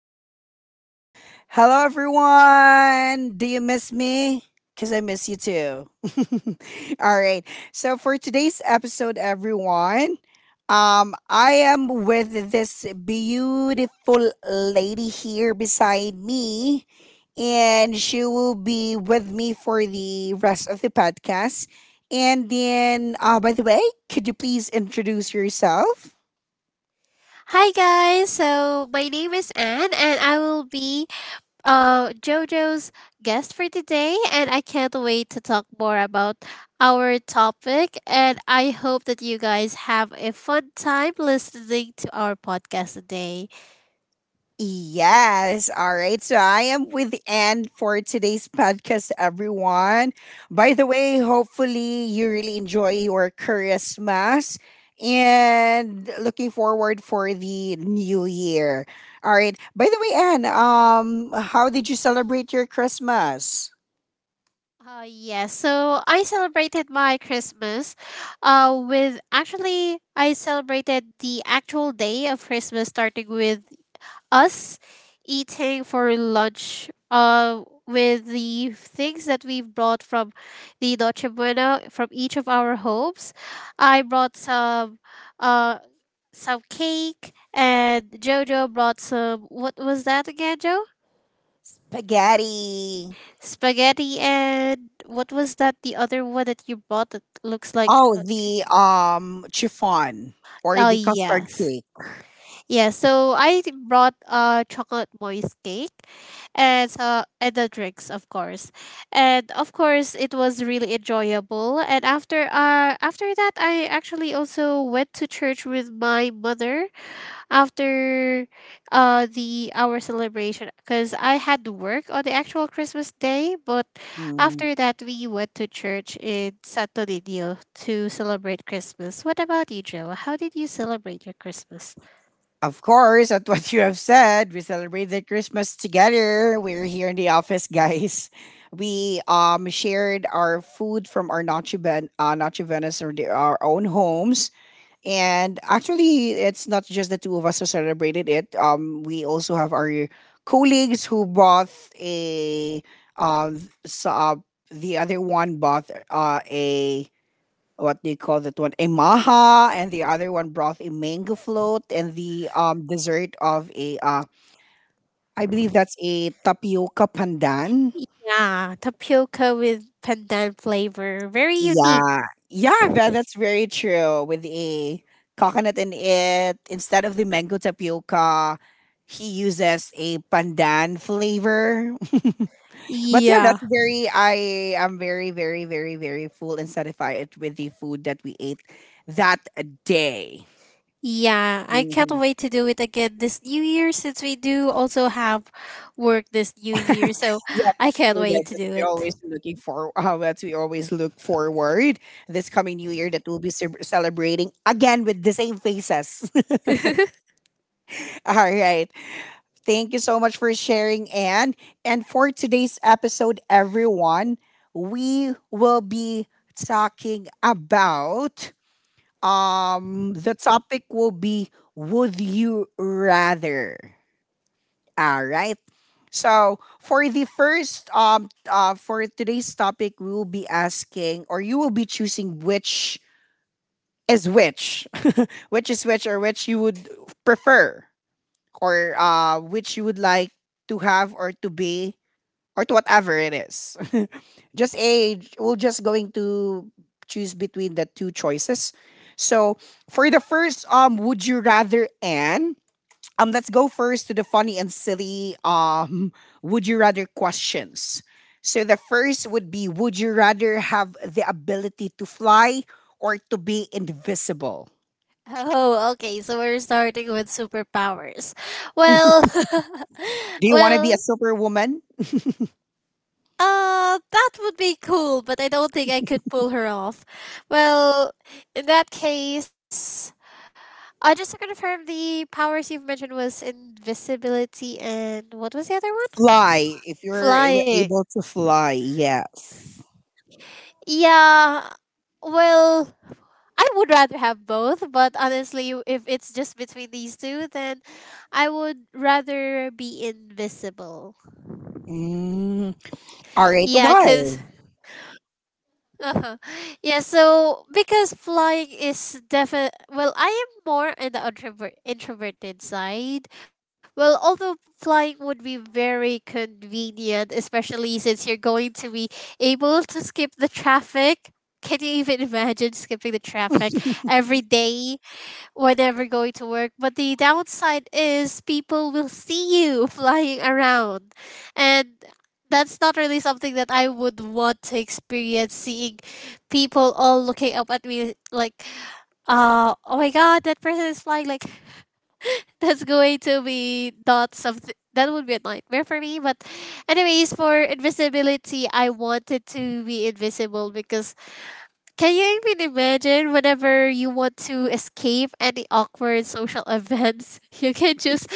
Podcasts. Hello, everyone. Do you miss me? Because I miss you too. All right. So, for today's episode, everyone, I am with this beautiful lady here beside me, and she will be with me for the rest of the podcast. And then, by the way, could you please introduce yourself? Hi guys, so my name is Anne and I will be JoJo's guest for today, and I can't wait to talk more about our topic, and I hope that you guys have a fun time listening to our podcast today. Yes. All right. So I am with Anne for today's podcast, everyone. By the way, hopefully you really enjoy your Christmas and looking forward for the new year. All right. By the way, Anne, how did you celebrate your Christmas? Yes, so I celebrated my Christmas with actually I celebrated the actual day of Christmas starting with us eating for lunch with the things that we've brought from the Noche Buena from each of our homes. I brought uh, some cake, and Jojo brought some, what was that again, Joe? Spaghetti. Spaghetti, and what was that, the other one that you brought that looks like Oh, the chiffon or oh the custard yes. cake. Yeah, so I brought a chocolate moist cake and and the drinks, of course. And of course, it was really enjoyable. And after that, I actually also went to church with my mother after the our celebration because I had to work on the actual Christmas day, but Mm, after that we went to church in Santo Niño to celebrate Christmas. What about you, Joe? How did you celebrate your Christmas? Of course, at what you have said, we celebrated Christmas together. We're here in the office, guys. We shared our food from our Nacho Ben Nacho Venice or our own homes. And actually it's not just the two of us who celebrated it. We also have our colleagues who bought a uh, s- uh the other one bought a what do you call that one? A maha, and the other one brought a mango float, and the dessert of a I believe that's a tapioca pandan. Yeah, tapioca with pandan flavor. Very unique. Yeah, yeah, that's very true. With a coconut in it, instead of the mango tapioca, he uses a pandan flavor. But yeah, Yeah. that's very. I am very full and satisfied with the food that we ate that day. Yeah, I can't Mm-hmm. wait to do it again this new year, since we do also have work this new year. So Yeah, I that's can't true. Yeah, wait to that's do we always looking for. How that we always look forward this coming new year that we'll be ce- celebrating again with the same faces. it. All right. Thank you so much for sharing, Anne. And for today's episode, everyone, we will be talking about the topic will be would you rather. All right. So for the first for today's topic, we will be asking, or you will be choosing is which, which is which, or which you would prefer, or which you would like to have or to be, or to whatever it is. just a we're just going to choose between the two choices. So for the first would you rather, and let's go first to the funny and silly would you rather questions. So the first would be, would you rather have the ability to fly or to be invisible? Oh, okay. So we're starting with superpowers. Well, Do you want to be a well, superwoman? That would be cool, but I don't think I could pull her off. Well, in that case, just to confirm, the powers you've mentioned was invisibility and what was the other one? Fly if you're Flying. able to fly. Yes. Yeah. Well, I would rather have both, but honestly, if it's just between these two, then I would rather be invisible. Mm, all right. Yeah, Why? because uh-huh. Yeah, so because flying is definite, well, I am more in the introverted side. Well, although flying would be very convenient, especially since you're going to be able to skip the traffic. Can you even imagine skipping the traffic every day? We never going to work. But the downside is people will see you flying around. And that's not really something that I would want to experience, seeing people all looking up at me like, oh my god, that person is flying. Like, that's going to be not something. That would be a nightmare for me. But anyways, for invisibility, I wanted to be invisible because can you even imagine whenever you want to escape any awkward social events, you can just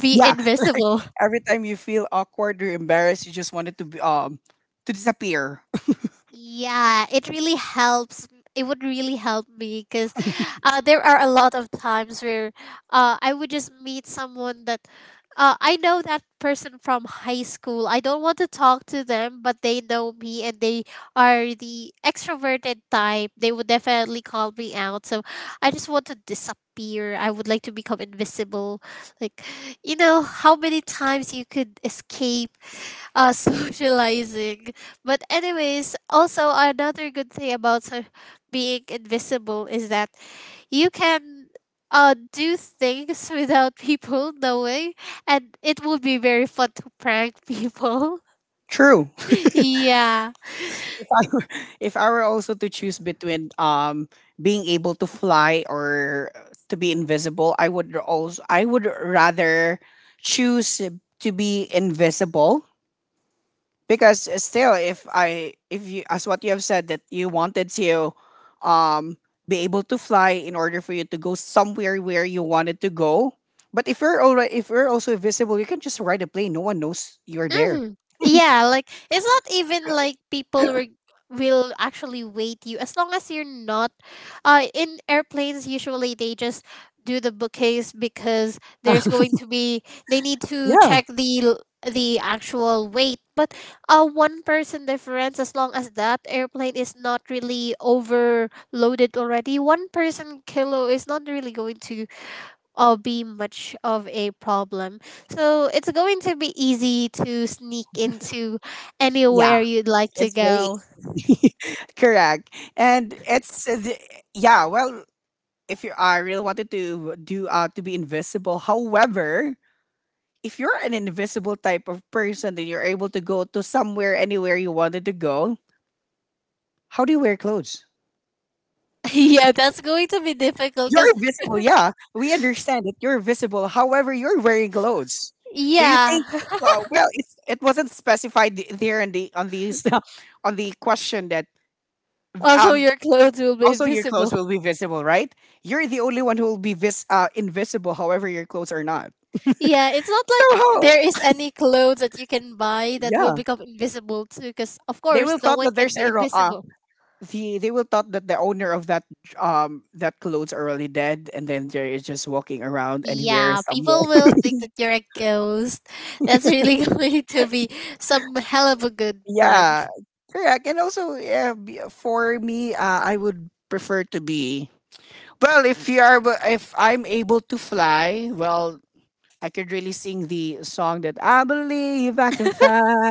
be Yeah. invisible. Every time you feel awkward or embarrassed, you just wanted to be to disappear. Yeah, it really helps. It would really help me because there are a lot of times where I would just meet someone that I know that person from high school. I don't want to talk to them, but they know me, and they are the extroverted type. They would definitely call me out. So I just want to disappear. I would like to become invisible. Like, how many times you could escape socializing. But anyways, also another good thing about being invisible is that you can do things without people knowing, and it will be very fun to prank people. True. Yeah. If I were also to choose between being able to fly or to be invisible, I would also I would rather choose to be invisible because still if you as what you have said that you wanted to um be able to fly in order for you to go somewhere where you wanted to go. But if you're already if you're also invisible, you can just ride a plane. No one knows you're there. Hmm. Yeah, like it's not even like people were will actually wait you as long as you're not in airplanes. Usually they just do the bookings because there's going to be they need to Yeah. check the the actual weight. But a one person difference, as long as that airplane is not really overloaded already, one person kilo is not really going to or be much of a problem. So it's going to be easy to sneak into Yeah, anywhere you'd like to it's very go. easy. Correct. And it's the- yeah, well, if you are really wanted to do to be invisible. However, if you're an invisible type of person and you're able to go to somewhere anywhere you wanted to go, how do you wear clothes? Yeah, that's going to be difficult because, You're visible, yeah. We understand that you're visible. However, you're wearing clothes. Do you yeah. think it wasn't specified there in the on the on the question that. Also, um your clothes will be Also, your clothes invisible. will be visible, right? You're the only one who will be invisible. However, your clothes are not. Yeah, it's not So like how? there is any clothes that you can buy that will Yeah, become invisible too, because, of they course, will no thought one that can there's be a invisible. They will thought that the owner of that that clothes are already dead, and then there is just walking around anywhere Yeah, somewhere. people will think that you're a ghost. That's really going to be some hell of a good prank. Yeah, correct. And also, yeah, for me, I would prefer to be well. If you are, if I'm able to fly, well, I could really sing the song that I believe I can fly.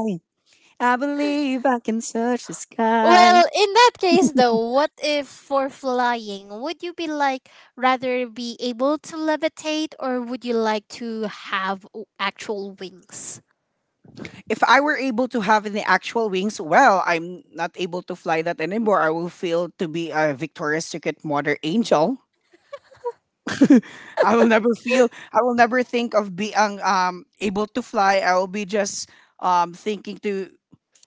I believe I can search the sky. Well, in that case, though, what if for flying, would you be like rather be able to levitate, or would you like to have actual wings? If I were able to have the actual wings, well, I'm not able to fly that anymore. I will feel to be a Victoria's Secret model angel. I will never feel. I will never think of being able to fly. I will be just thinking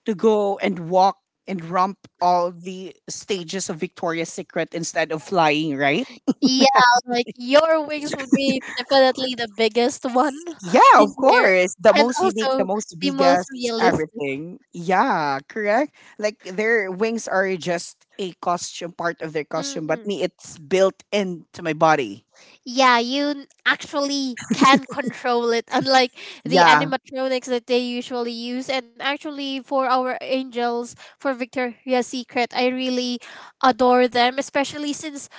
to go and walk and romp all the stages of Victoria's Secret instead of flying. Right? Yeah, like your wings would be definitely the biggest one Yeah, in of there, course. The and most unique, the also most the most biggest, realistic. everything. Yeah, correct. Like their wings are just a costume, part of their costume, but Mhm. me, it's built into my body. Yeah, you actually can control it, unlike the Yeah, animatronics that they usually use. And actually, for our angels, for Victoria's Secret, I really adore them, especially since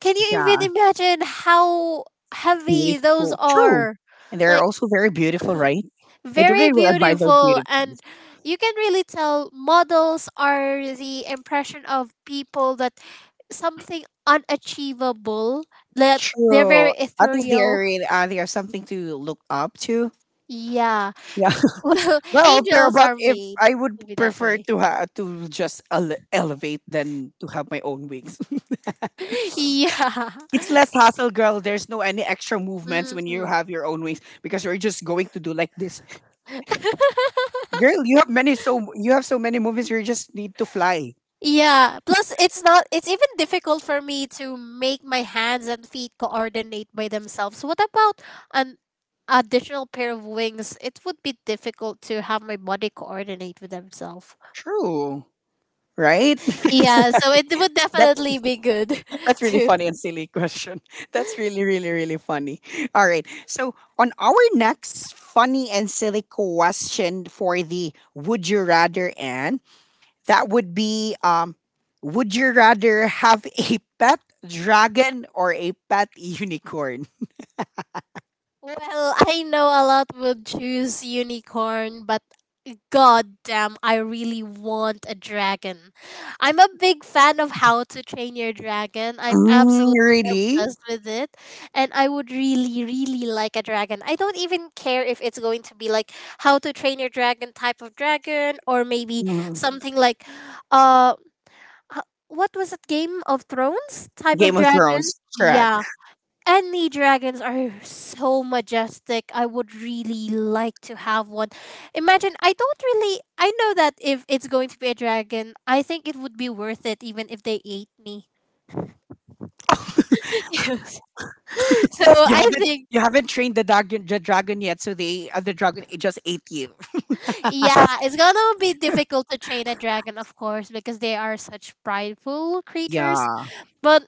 can you yeah. even imagine how heavy those Beautiful. True. are? And they're Like, also very beautiful, right? I don't very really admire their beautiful. beauty. And you can really tell models are the impression of people that something unachievable, that they're True. very At least they are, ethereal. really- they are something to look up to. Yeah. Yeah. Well, Well, pero angels but are if made I to would be that prefer way. to to just elevate than to have my own wings. Yeah. It's less hassle, girl. There's no any extra movements when you Hmm. have your own wings because you're just going to do like this. Girl, you have many so you have so many movements you just need to fly. Yeah. Plus, it's not. It's even difficult for me to make my hands and feet coordinate by themselves. What about an additional pair of wings? It would be difficult to have my body coordinate with themselves. True. Right? Yeah. So it would That, definitely be good that's really to funny and silly question. That's really, really, really funny. All right. So on our next funny and silly question for the would you rather, and that would be would you rather have a pet dragon or a pet unicorn? well, I know a lot would choose unicorn, but god damn, I really want a dragon. I'm a big fan of How to Train Your Dragon. I'm Mm, absolutely really? obsessed with it. And I would really, really like a dragon. I don't even care if it's going to be like How to Train Your Dragon type of dragon, or maybe Mm. something like uh h- what was it, Game of Thrones type of Game of dragon? Thrones. Correct. Yeah, and the dragons are so majestic. I would really like to have one. Imagine, I don't really. I know that if it's going to be a dragon, I think it would be worth it even if they ate me. Yes. So I think, You haven't trained the dragon yet, so they the dragon it just ate you. yeah, it's gonna be difficult to train a dragon, of course, because they are such prideful creatures. Yeah. But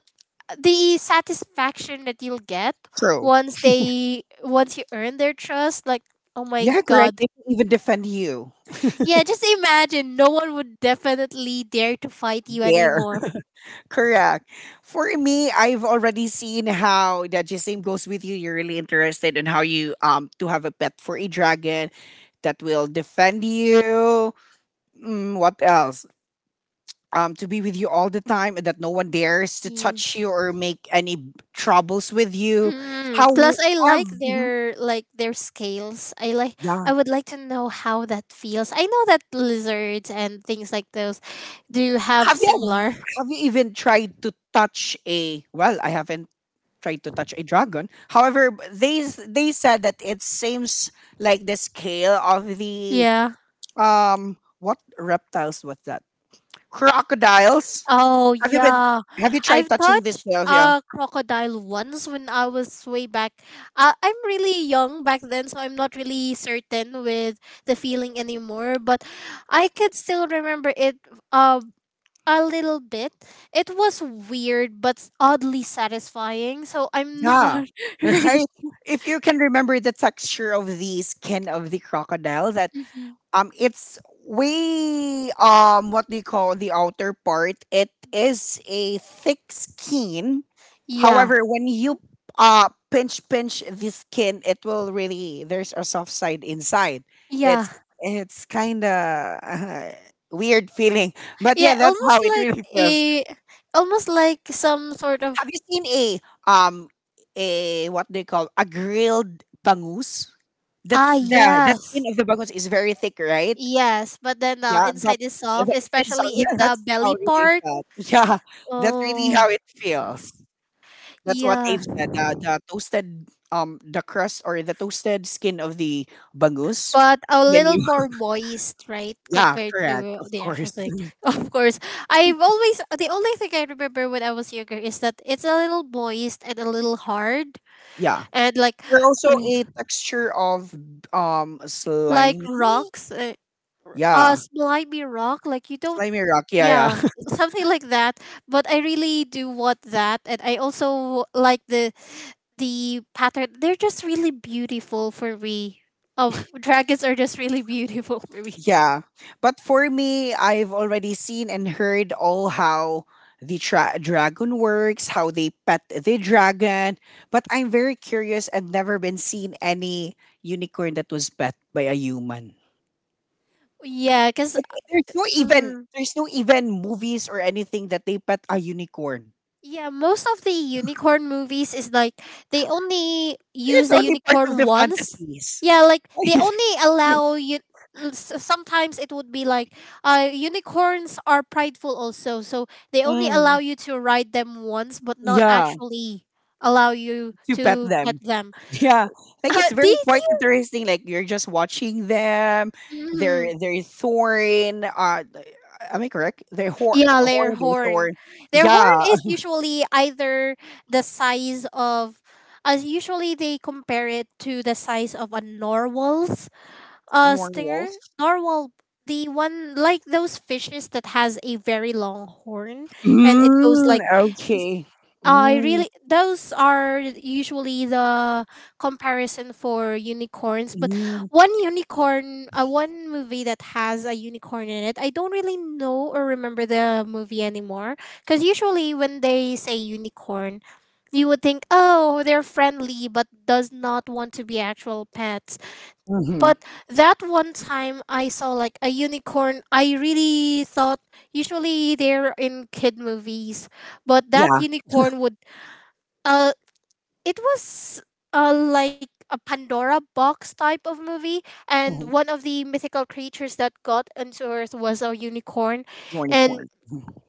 the satisfaction that you'll get True. Once you earn their trust, like oh my Yeah, correct. god. They can even defend you. Yeah, just imagine no one would definitely dare to fight you There. anymore. Correct. For me, I've already seen how that the same goes with you. You're really interested in how you to have a pet for a dragon that will defend you. Mm, what else? To be with you all the time and that no one dares to touch Yes. you or make any troubles with you. Mm. How Plus I have, Mhm. Like their scales. I like I Yeah. would like to know how that feels. I know that lizards and things like those do have Have you similar. Even tried to touch a well, I haven't tried to touch a dragon. However, they said that it seems like the scale of the Yeah. What reptiles was that? Crocodiles. Oh Have you been yeah, have you tried I've touching these touched scales? Yeah. a crocodile once when I was way back. I'm really young back then, so I'm not really certain with the feeling anymore. But I could still remember it uh, a little bit. It was weird, but oddly satisfying. So I'm Yeah, not really. right. If you can remember the texture of the skin of the crocodile, that Mhm. It's way what do you call the outer part? It is a thick skin. Yeah, However, when you pinch the skin, it will really there's a soft side inside. yeah, It's it's kind of uh, weird feeling, but yeah, yeah. that's how almost it like really feels. a, almost like some sort of Have you seen um a what they call a grilled bangus? ah That's the yes. skin of the bangus is very thick, right? Yes, but then Yeah, the but inside is soft, it's, especially in yeah, the that's how belly it really part. felt. Yeah, that's really Oh, how it feels. That's what yeah, they've said. The toasted the crust or the toasted skin of the bangus. but a Then little you more moist, right, yeah, compared correct, to of the actual course. thing. Of course, I've always the only thing I remember when I was younger is that it's a little moist and a little hard yeah. and There's also uh, a texture of like slimy. rocks. Yeah. Slimy rock like you don't Slimy rock, yeah, yeah yeah. something like that, but I really do want that, and I also like the pattern. They're just really beautiful for me. Dragons are just really beautiful for me. Yeah. But for me, I've already seen and heard all how the dragon works, how they pet the dragon. But I'm very curious, and never been seen any unicorn that was pet by a human. Yeah, because Like, there's no even movies or anything that they pet a unicorn. yeah, most of the unicorn movies is like they only use It's the only part of unicorn the once. fantasies. Yeah, like they only allow you. Sometimes it would be like, unicorns are prideful also, so they only allow Mm, you to ride them once, but not yeah. actually allow you To pet to pet them. them. Yeah, like it's Do, very quite you- interesting. Like you're just watching them. do you? Mhm. They're thorn. Am I correct? They're horn, Yeah, their horn, they horn. thorn. Their Yeah, horn is usually either the size of, as usually they compare it to the size of a narwhal's Norn stinger. wolves. Narwhal, the one like those fishes that has a very long horn, and it goes Mm, like okay. I Mm, really those are usually the comparison for unicorns. But mm, one unicorn, one movie that has a unicorn in it, I don't really know or remember the movie anymore. Because usually when they say unicorn, you would think, oh, they're friendly, but does not want to be actual pets. hmm But that one time I saw like a unicorn, I really thought usually they're in kid movies, but that Yeah. unicorn would uh it was like a Pandora box type of movie, mhm, and one of the mythical creatures that got into Earth was a unicorn, and Unicorn.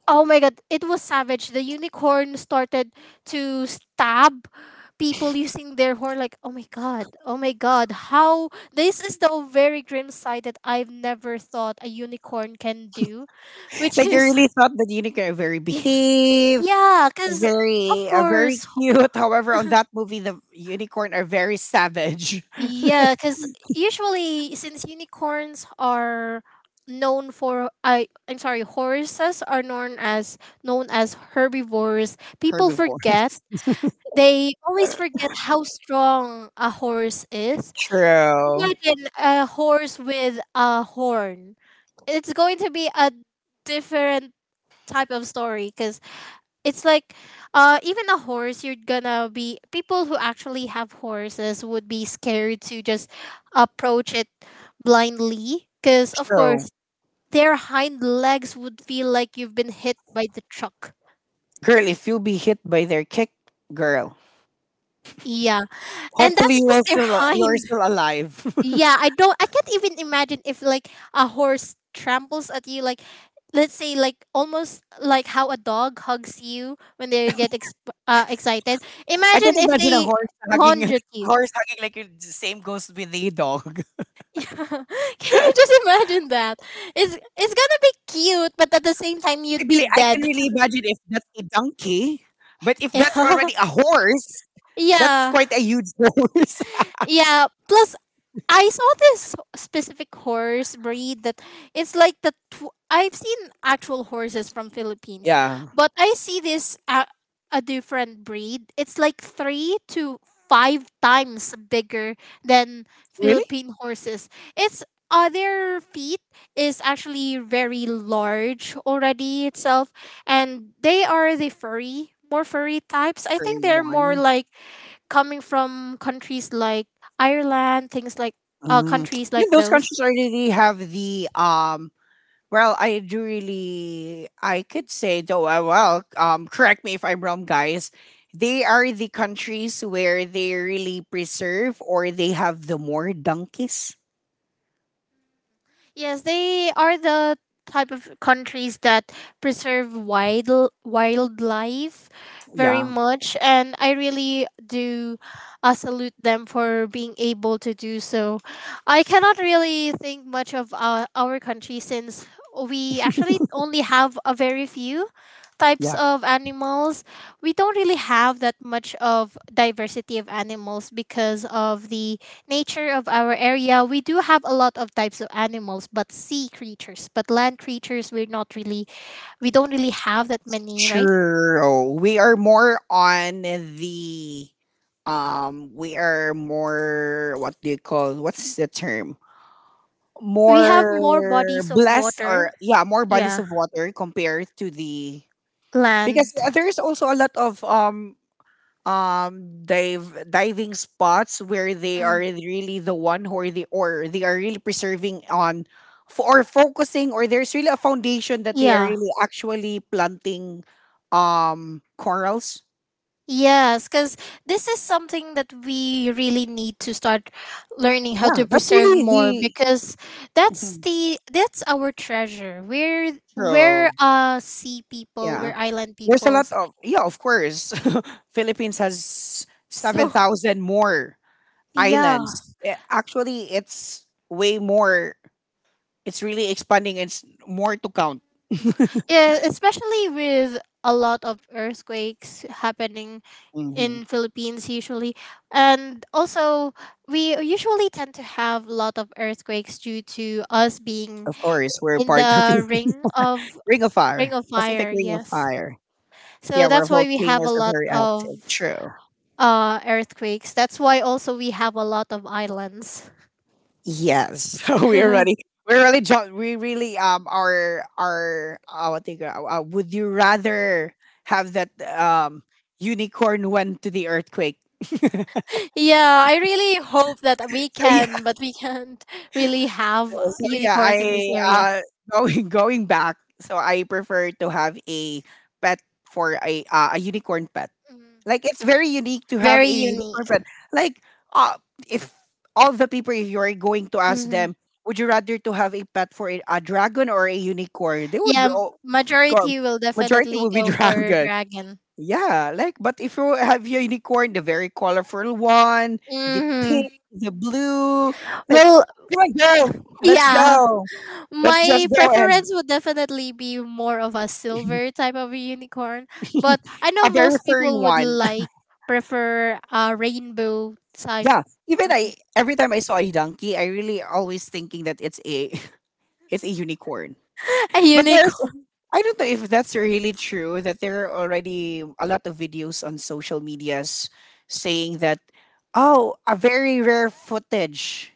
oh my god, it was savage. The unicorn started to stab people using their horn. Like oh my god, how this is the very grim side that I've never thought a unicorn can do, which Like you is really thought that unicorn are very behave, yeah, because. Of very course, cute. However, on that movie, the unicorn are very savage. yeah, because usually since unicorns are known for I'm sorry, horses are known as herbivores, people forget Herbivores. they always forget how strong a horse is. True. Imagine a horse with a horn. It's going to be a different type of story because it's like even a horse, you're gonna be people who actually have horses would be scared to just approach it blindly, because of Bro, course their hind legs would feel like you've been hit by the truck. girl, if you'll be hit by their kick, girl, Yeah, and hopefully that's just their you're hind. still alive. Yeah, I can't even imagine if like a horse tramples at you, like let's say like almost like how a dog hugs you when they get excited. I can Imagine if imagine a they horse hugging lunge at you. Like you- the same goes with a dog. Yeah. Can you just imagine that? It's gonna be cute, but at the same time I you'd believe be I can dead. really imagine if that's a donkey, but if that's Yeah. already a horse, that's Yeah. quite a huge horse. Yeah. Plus I saw this specific horse breed that it's like I've seen actual horses from Philippines, Yeah, but I see this a different breed. It's like 3 to 5 times bigger than really, Philippine horses. Its other feet is actually very large already itself, and they are the furry, more furry types. I for think they're more one. like coming from countries like Ireland, things like Um, countries yeah, like those those. countries already have the well, I do really, I could say though, correct me if I'm wrong, guys. They are the countries where they really preserve or they have the more donkeys. Yes, they are the type of countries that preserve wildlife very Yeah, much, and I really do salute them for being able to do so. I cannot really think much of our country, since we actually only have a very few types yeah. of animals. We don't really have that much of diversity of animals because of the nature of our area. We do have a lot of types of animals, but sea creatures, but land creatures, we're not really, we don't really have that many, right? Sure. We are more on the we are more what do you call what's the term? We have more More bodies of blessed water, or yeah, more bodies yeah, of water compared to the, because land, there's also a lot of dive diving spots where they are mm, really the one who are the or they are really preserving on for or focusing, or there's really a foundation that they are yeah. really actually planting corals. Yes, because this is something that we really need to start learning how Yeah, to that's preserve really more, the. because Mhm. That's our treasure. We're So we're uh sea people, yeah, we're island there's a lot peoples. of, yeah, of course, philippines has So 7,000 more yeah. islands. Eh, actually it's way more, it's really expanding, it's more to count. Yeah, especially with a lot of earthquakes happening Mhm. in Philippines usually. And also we usually tend to have a lot of earthquakes due to us being Of course, we're in part of the the Ring of ring Fire, of Pacific fire, Ring of yes. Fire. Yeah, So our that's why we have a volcanoes are lot very active. of True. Earthquakes. That's why also we have a lot of islands. Yes. So we are already, we really we really our what do you call- would you rather have that unicorn went to the earthquake? Yeah, I really hope that we So yeah, can, but we can't really have so yeah, unicorns in this I area. uh going going back. So I prefer to have a pet for a unicorn pet. Like Mm. it's very unique to have Very a unicorn unique. pet. Like uh if all the people, if you're going to ask Hmm. them, would you rather to have a pet for a dragon or a unicorn? They would Yeah, m- all go, majority will majority definitely would be go for dragon. dragon. Yeah, like but if you have your unicorn, the very colorful one, the Hmm. pink, the blue, like Well, come on, yeah, go. Let's my just go and preference would definitely be more of a silver type of unicorn, but I know a very most furry people would one. like prefer a rainbow type. Yeah. Even I, every time I saw a donkey, I really always thinking that it's a, it's a unicorn. A But there's, unicorn. I don't know if that's really true that there are already a lot of videos on social medias saying that, oh, a very rare footage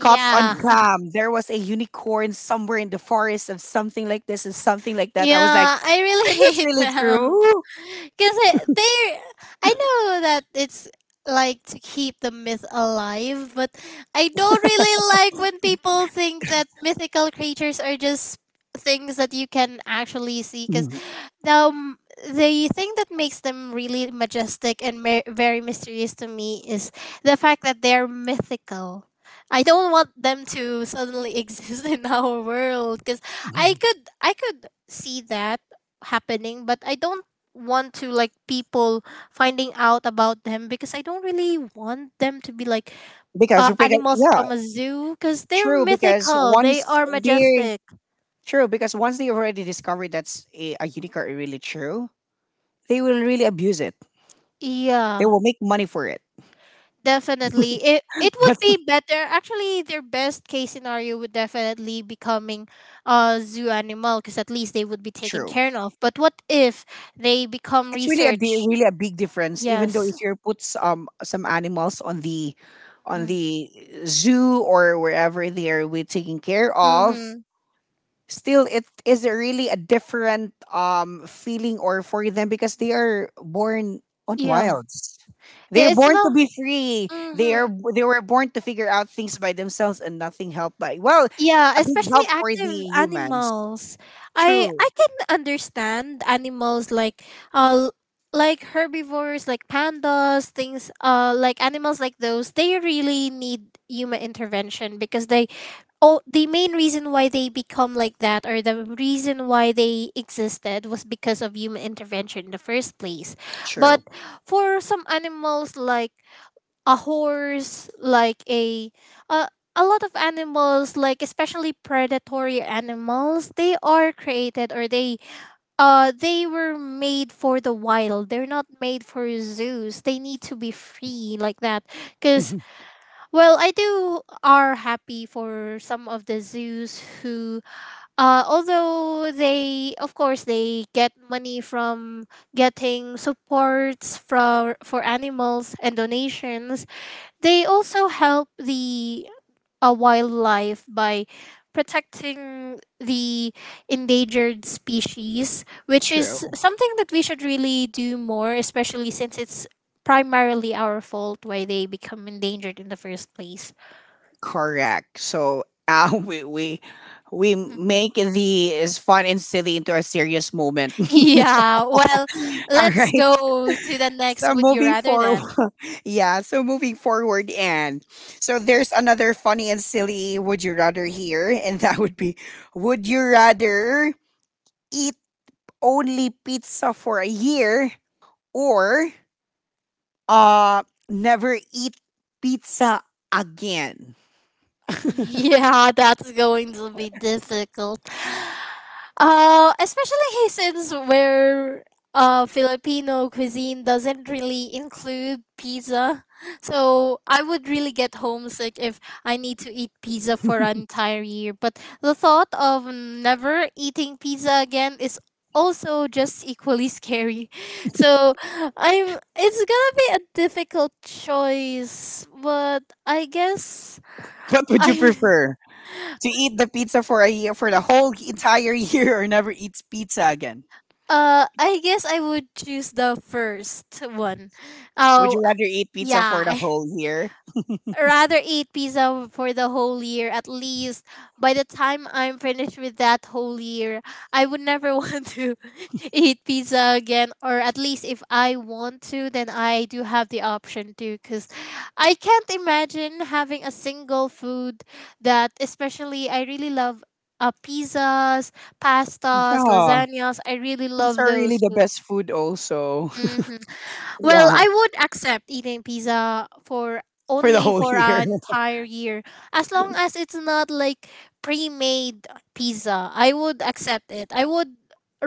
caught on cam. There was a unicorn somewhere in the forest of something like this and something like that. I was like, Yeah, I really is this hate really them. true? Because they, I know that it's like to keep the myth alive, but I don't really like when people think that mythical creatures are just things that you can actually see. 'Cause Mhm. um, the thing that makes them really majestic and very mysterious to me is the fact that they're mythical. I don't want them to suddenly exist in our world, because I could see that happening, but I don't want to like people finding out about them, because I don't really want them to be like Because because animals yeah, from a zoo because they're true. Because mythical. They once are they, majestic. true, because once they already discovered that's a unicorn, really true, they will really abuse it. They Yeah. will make money for it. Definitely. It would That's be better. Actually, their best case scenario would definitely becoming a zoo animal, because at least they would be taken true. care of. But what if they become It's really a research? really a big difference. Even though Yes. if you put some animals on the, on the zoo or wherever they are, we taking care of, Mm-hmm. still it is a really a different feeling or for them because they are born on Yeah. wilds. They Yeah, are it's born to not. be free. Mm-hmm. They were born to figure out things by themselves and nothing helped by, well, Yeah, a big especially help for the active humans. animals. I True. I can understand animals like uh l- like herbivores, like pandas, things like animals like those. They really need human intervention because they, oh, the main reason why they become like that, or the reason why they existed, was because of human intervention in the first place. True. But for some animals like a horse, like a, a lot of animals, like especially predatory animals, they are created or they were made for the wild. They're not made for zoos. They need to be free like that. Cause well, I do are happy for some of the zoos who although they of course they get money from getting supports for animals and donations, they also help the wildlife by protecting the endangered species, which is True. something that we should really do more, especially since it's primarily our fault why they become endangered in the first place. Correct. So we we make the is fun and silly into a serious moment. Yeah, well, All let's right. go to the next So would you moving rather forward, then. yeah. So moving forward, and so there's another funny and silly. Would you rather here? And that would be, would you rather eat only pizza for a year or uh never eat pizza again? Yeah, that's going to be difficult. Especially since where Filipino cuisine doesn't really include pizza. So I would really get homesick if I need to eat pizza for an entire year. But the thought of never eating pizza again is also just equally scary. So I'm it's gonna be a difficult choice, but I guess What would you I. prefer? To eat the pizza for a year, for the whole entire year, or never eats pizza again? I guess I would choose the first one. Would Oh, you rather eat pizza yeah. for the I whole year? rather eat pizza for the whole year at least. By the time I'm finished with that whole year, I would never want to eat pizza again. Or at least if I want to, then I do have the option to. Cause I can't imagine having a single food that, especially, I really love. Pizzas, pastas, Yeah. lasagnas. I really Pizza love are really those. the best food also. Hmm. Well, Yeah. I would accept eating pizza for For the only whole for year. an entire year as long as it's not like pre-made pizza. I would accept it. I would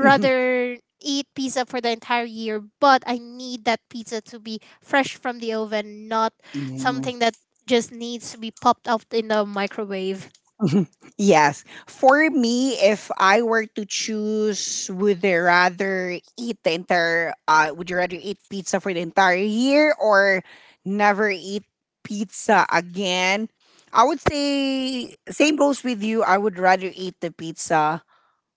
eat pizza for the entire year, but I need that pizza to be fresh from the oven, not Mhm. something that just needs to be popped up in the microwave. Mhm. Yes. For me, if I were to choose, would I rather eat the entire, would you rather eat pizza for the entire year or never eat pizza again? I would say, same goes with you. I would rather eat the pizza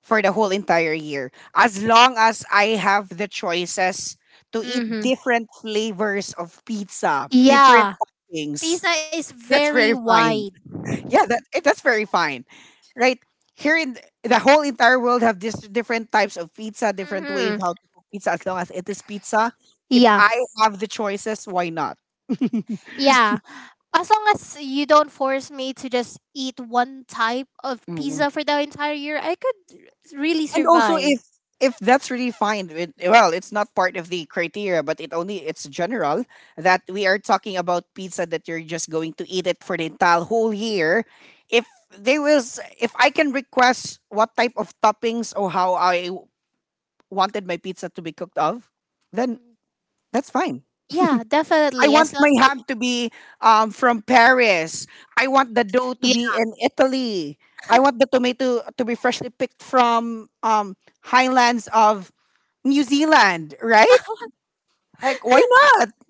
for the whole entire year. As long as I have the choices to eat Mm-hmm. different flavors of pizza, different Yeah. toppings. Pizza is That's very very fine. wide. Yeah, that eh, that's very fine, right? Here in the whole entire world have this different types of pizza, different way of Mm-hmm. how to cook pizza as long as it is pizza. If Yeah. I have the choices, why not? Yeah. As long as you don't force me to just eat one type of Mm. pizza for the entire year, I could really And also if survive. if that's really fine with, well, it's not part of the criteria, but it only it's general that we are talking about pizza that you're just going to eat it for the entire whole year. If they was, if I can request what type of toppings or how I wanted my pizza to be cooked of, then Mm. that's fine. Yeah, I definitely. want As long my as it, hand to be from Paris. I want the dough to yeah. be in Italy. I want the tomato to be freshly picked from highlands of New Zealand, right? Like, why not?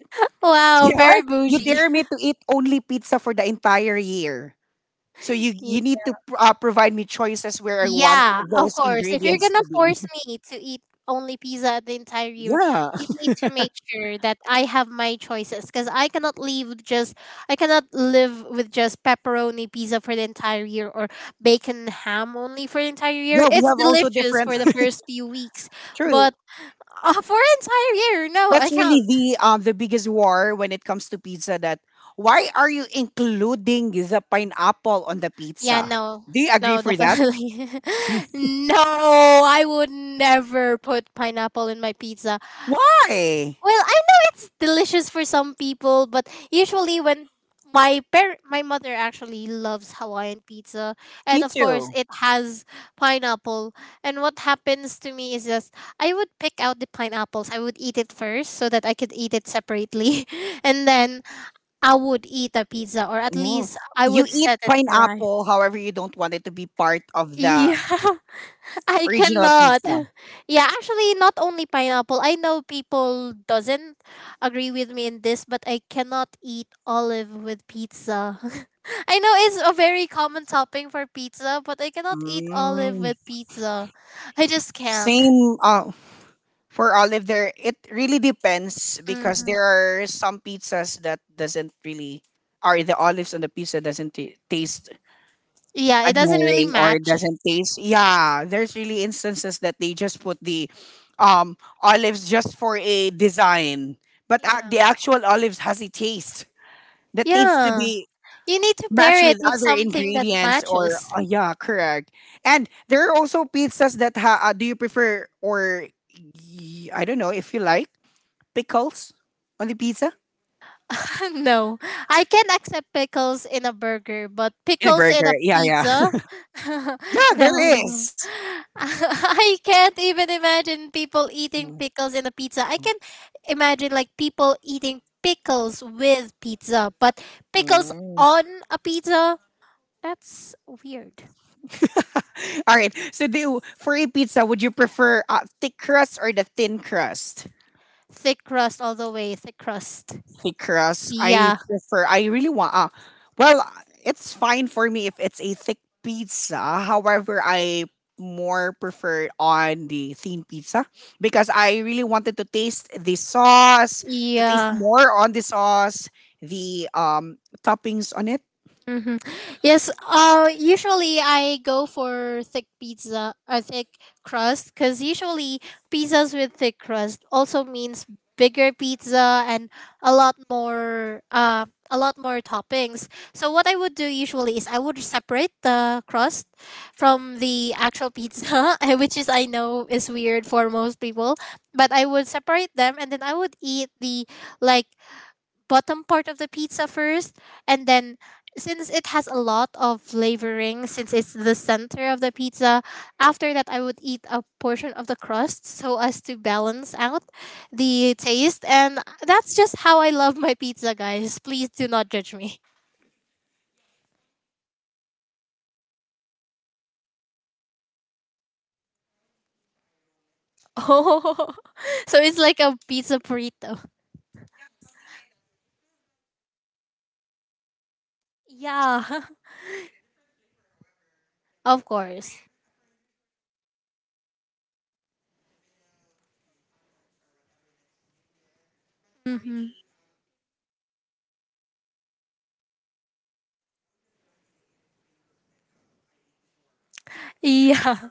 Wow, Yeah. very Are- you bougie. dare me to eat only pizza for the entire year. So you need to provide me choices where I want Yeah, of those course. If you're ingredients gonna to be. force me to eat only pizza the entire year, Yeah, you need to make sure that I have my choices, because I cannot live with just pepperoni pizza for the entire year, or bacon ham only for the entire year. yeah. We It's have also delicious different. for the first few weeks, True. but for an entire year, no, That's I really can't. The biggest war when it comes to pizza that why are you including the pineapple on the Yeah, pizza? no. Do you agree No, for that? definitely. No, I would never put pineapple in my pizza. Why? Well, I know it's delicious for some people, but usually when my mother actually loves Hawaiian pizza, and Me of course too. it has pineapple. And what happens to me is just I would pick out the pineapples. I would eat it first so that I could eat it separately, and then I would eat a pizza, or at Mm. least I You would eat set it aright. pineapple however you don't want it to be part of the Yeah. I original cannot. pizza. Yeah, actually not only pineapple. I know people doesn't agree with me in this, but I cannot eat olive with pizza. I know it's a very common topping for pizza, but I cannot eat olive with Mm. pizza. I just can't. Same, for olive there, it really depends because Hmm. there are some pizzas that doesn't really, or the olives on the pizza doesn't taste Yeah, it doesn't really admiring or match. doesn't taste. Yeah, there's really instances that they just put the olives just for a design, but Yeah. the actual olives has a taste that needs to Yeah. be You need to pair matched it with with other something that ingredients or matches. Yeah, correct. And there are also pizzas that do you prefer or I don't know if you like pickles on the pizza No, I can accept pickles in a burger, but in a pickles in burger. a Yeah, yeah. pizza? Yeah, No, there no. is. I can't even imagine people eating Mm, pickles in a pizza. I can imagine like people eating pickles with pizza, but pickles mm. on a pizza? That's weird. All right. So do for a pizza, would you prefer thick crust or the thin crust? Thick crust all the way, thick crust. Thick crust. I Yeah, prefer. I really want. Well, it's fine for me if it's a thick pizza. However, I more prefer on the thin pizza because I really wanted to taste the sauce, to taste yeah. more on the sauce, the toppings on it. Mm-hmm. Yes. Usually I go for thick pizza or thick crust, because usually pizzas with thick crust also means bigger pizza and a lot more. A lot more toppings. So what I would do usually is I would separate the crust from the actual pizza, which is I know is weird for most people, but I would separate them and then I would eat the like bottom part of the pizza first, and then since it has a lot of flavoring since it's the center of the pizza, after that I would eat a portion of the crust so as to balance out the taste, and that's just how I love my pizza, guys, please do not judge me. Oh, so it's like a pizza burrito. Yeah. Of course. Hmm. Yeah,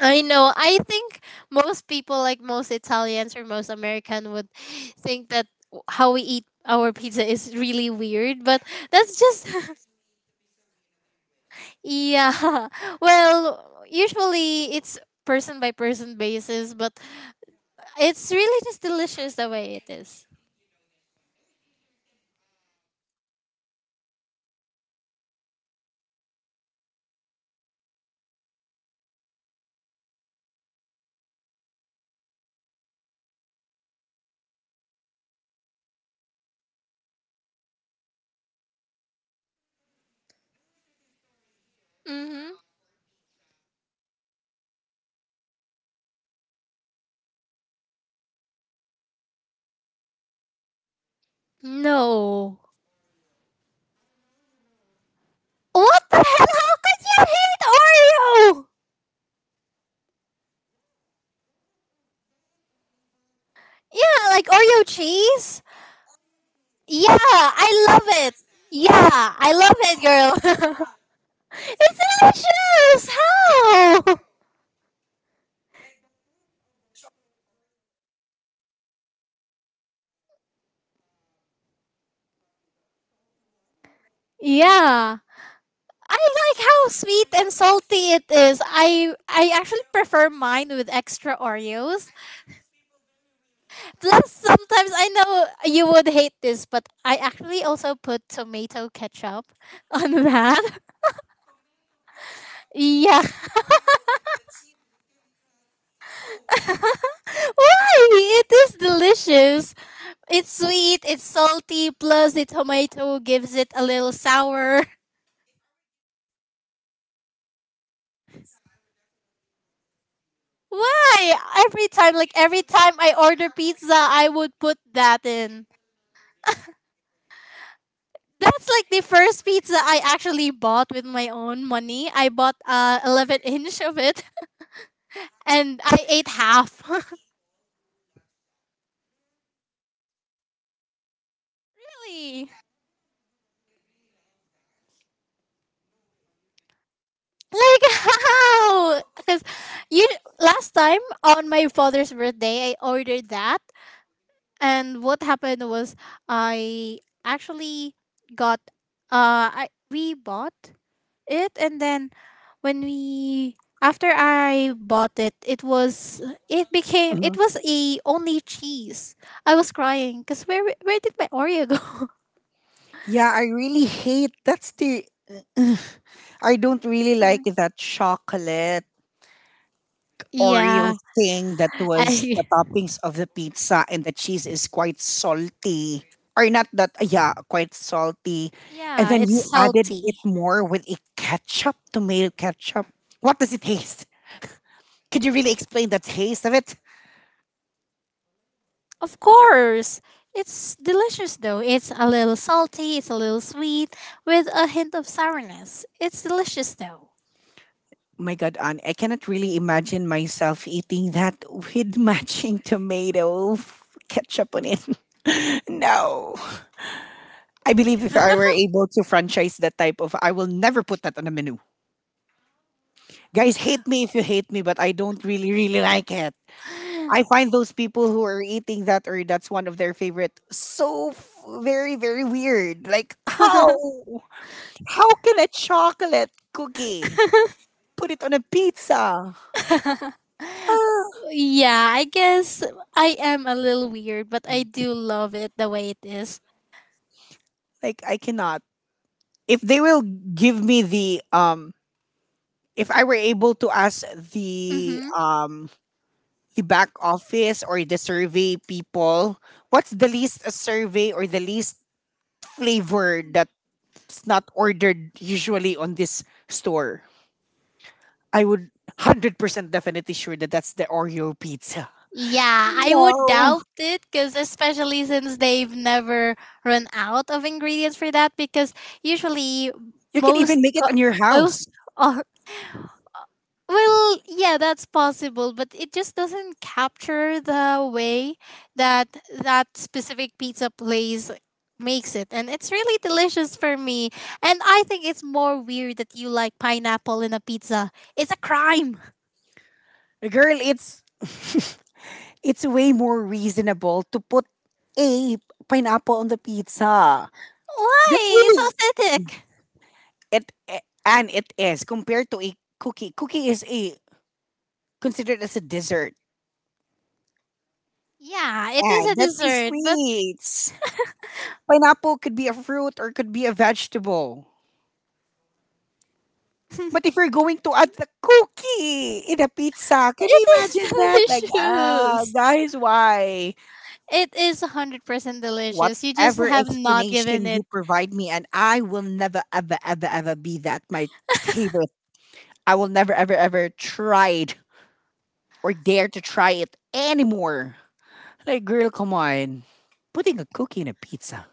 I know. I think most people, like most Italians or most American, would think that how we eat our pizza is really weird, but that's just yeah. Well, usually it's person by person basis, but it's really just delicious the way it. Mm-hmm. No. What the hell? How could you hate Oreo? Yeah, like Oreo cheese. Yeah, I love it. Yeah, I love it, girl. It's delicious! How? Yeah. I like how sweet and salty it is. I actually prefer mine with extra Oreos. Plus sometimes I know you would hate this, but I actually also put tomato ketchup on that. Yeah. Why? It is delicious. It's sweet, it's salty, plus the tomato gives it a little sour. Why? Every time, like every time I order pizza, I would put that in. That's like the first pizza I actually bought with my own money. I bought 11 inch of it and I ate half. Really? Like how? Because you last time on my father's birthday, I ordered that, and what happened was I actually got I we bought it, and then when we after I bought it, it was it became Mhm. it was a only cheese. I was crying because where did my Oreo go? Yeah, I really hate that's the I don't really like that chocolate Oreo Yeah, thing that was the I toppings of the pizza, and the cheese is quite salty. Or not that, yeah, quite salty. And yeah, then it's you added salty. it more with a ketchup, tomato ketchup. What does it taste? Could you really explain the taste of it? Of course, it's delicious though. It's a little salty, it's a little sweet with a hint of sourness. It's delicious though. Oh My God, Anne, I cannot really imagine myself eating that with matching tomato ketchup on it. No. I Yeah. believe if I were able to franchise that type of, I will never put that on a menu. Guys, hate me if you hate me, but I don't really, really like it. I find those people who are eating that or that's one of their favorite so very, very weird. Like, how? How can a chocolate cookie put it on a pizza? "Ah," yeah, I guess I am a little weird, but I do love it the way it is. like I cannot. If they will give me the if I were able to ask the Mm-hmm. um the back office or the survey people, what's the least a survey or the least flavor that's not ordered usually on this store? I would 100% definitely sure that that's the Oreo pizza. Yeah, I would No. doubt it because, especially since they've never run out of ingredients for that, because usually You can most even make it co- on your house. most all Well, yeah, that's possible, but it just doesn't capture the way that that specific pizza place makes it. And it's really delicious for me. And I think it's more weird that you like pineapple in a pizza. It's a crime. Girl, it's it's way more reasonable to put a pineapple on the pizza. That's Why? It's really authentic. it, eh, and it is compared to a cookie. Cookie is a considered as a dessert, Yeah, it is and a that's a dessert, but sweets. Pineapple could be a fruit or could be a vegetable. But if you're going to add the cookie in a pizza, can it you imagine that? is Like, ah, delicious. guys, why? It is 100% delicious. You just Whatever have not given explanation you it. provide me, and I will never, ever, ever, ever be that my table, I will never ever ever try it or dare to try it anymore. Like, girl, come on. Putting a cookie in a pizza.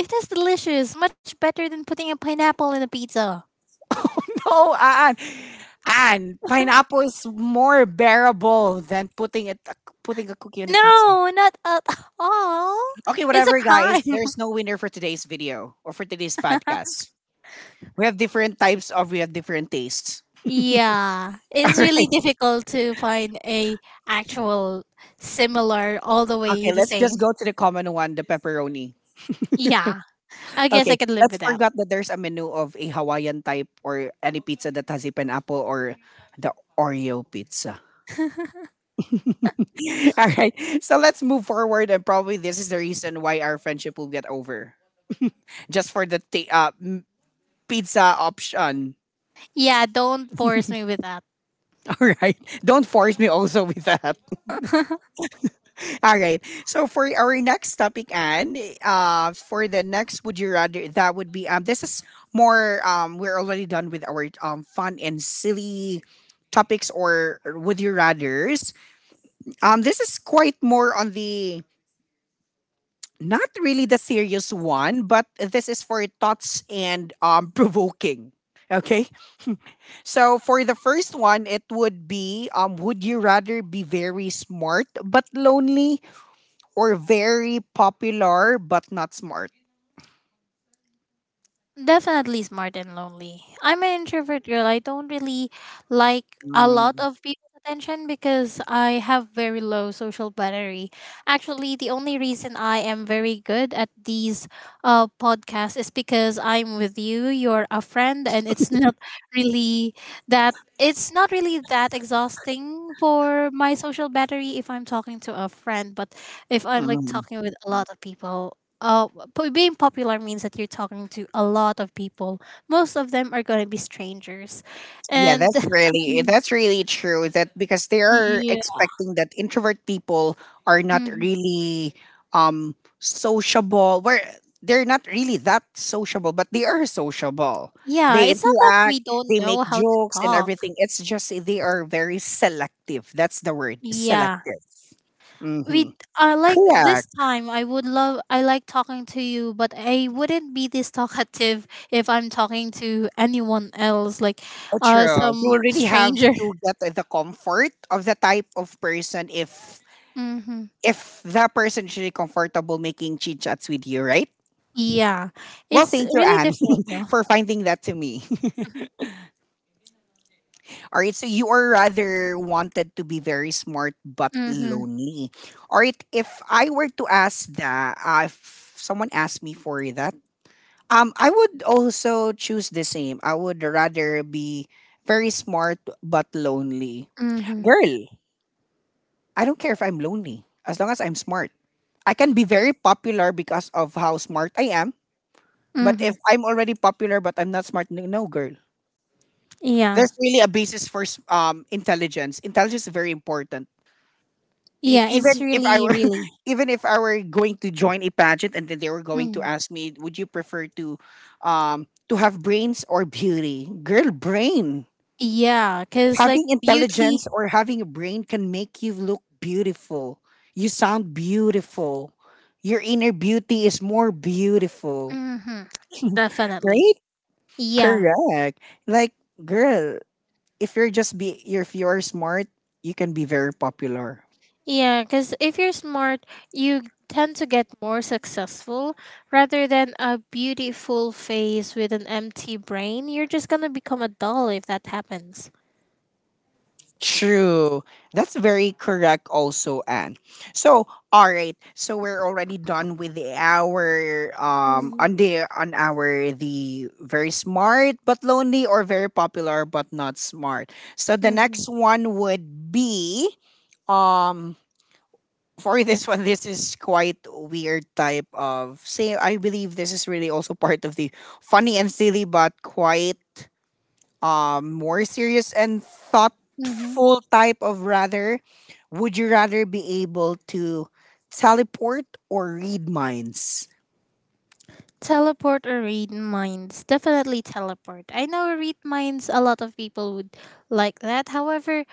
It is delicious, much better than putting a pineapple in a pizza. Oh no, Anne. Anne, pineapple is more bearable than putting it, putting a cookie on a pizza. No, not at all. Okay, It's a whatever, guys. crime. There's no winner for today's video or for today's podcast. We have different types of, we have different tastes. Yeah, it's All really right. difficult to find a actual similar all the way Okay, the let's same. just go to the common one, the pepperoni. Yeah, I guess I Okay, could live let's with that. forget that there's a menu of a Hawaiian type or any pizza that has a pineapple or the Oreo pizza. All right, so let's move forward, and probably this is the reason why our friendship will get over just for the pizza option. Yeah, don't force me with that. All right, don't force me also with that. All right. So for our next topic, and for the next, would you rather? That would be. This is more. We're already done with our fun and silly topics or would you rather's. This is quite more on the not really the serious one, but this is for thoughts and provoking. Okay. So for the first one, it would be. Would you rather be very smart but lonely, or very popular but not smart? Definitely smart and lonely. I'm an introvert girl. I don't really like a lot Mm, of people's attention because I have very low social battery. Actually, the only reason I am very good at these podcasts is because I'm with you, you're a friend, and it's not really that it's not really that exhausting for my social battery if I'm talking to a friend. But if I'm like mm. talking with a lot of people, uh, being popular means that you're talking to a lot of people. Most of them are going to be strangers. Yeah, And um, that's really true. That because they are yeah. expecting that introvert people are not Mhm. really sociable. Where they're not really that sociable, but they are sociable. Yeah, They it's not that we interact, don't they know make how to jokes and talk. everything. It's just they are very selective. That's the word, Yeah. selective. We Mm-hmm. Like this Correct. time I would love I like talking to you, but I wouldn't be this talkative if I'm talking to anyone else, like Oh, true. You some already have stranger. to get the comfort of the type of person if Mhm. if that person is really comfortable making chit chats with you, right? Yeah. Well, It's thank you, really Anne, different though. for finding that to me. All right, so you are rather wanted to be very smart but Mhm. lonely. All right, if I were to ask that, if someone asked me for that, I would also choose the same. I would rather be very smart but lonely Mhm. girl. I don't care if I'm lonely as long as I'm smart. I can be very popular because of how smart I am, but if Mhm. I'm already popular but I'm not smart, no girl. Yeah. There's really a basis for intelligence. Intelligence is very important. If Yeah, it's even if I really, were really. even if I were going to join a pageant and then they were going to Mm. ask me, would you prefer to have brains or beauty? Girl, brain. Yeah, because like Having beauty, intelligence or having a brain can make you look beautiful. You sound beautiful. Your inner beauty is more beautiful. hmm, definitely. Right? Yeah, Correct. Like, girl, if you're smart, you can be very popular. yeah, because if you're smart, you tend to get more successful rather than a beautiful face with an empty brain. You're just gonna become a doll if that happens. True. That's very correct also, Anne. So, all right. So we're already done with the our Mm-hmm. on the on our the very smart but lonely or very popular but not smart. So the next one would be um for this one, this is quite weird type of say. I believe this is really also part of the funny and silly but quite more serious and Mm-hmm. thoughtful type of rather. Would you rather be able to teleport or read minds? Teleport or read minds. Definitely teleport. I know read minds, a lot of people would like that. However,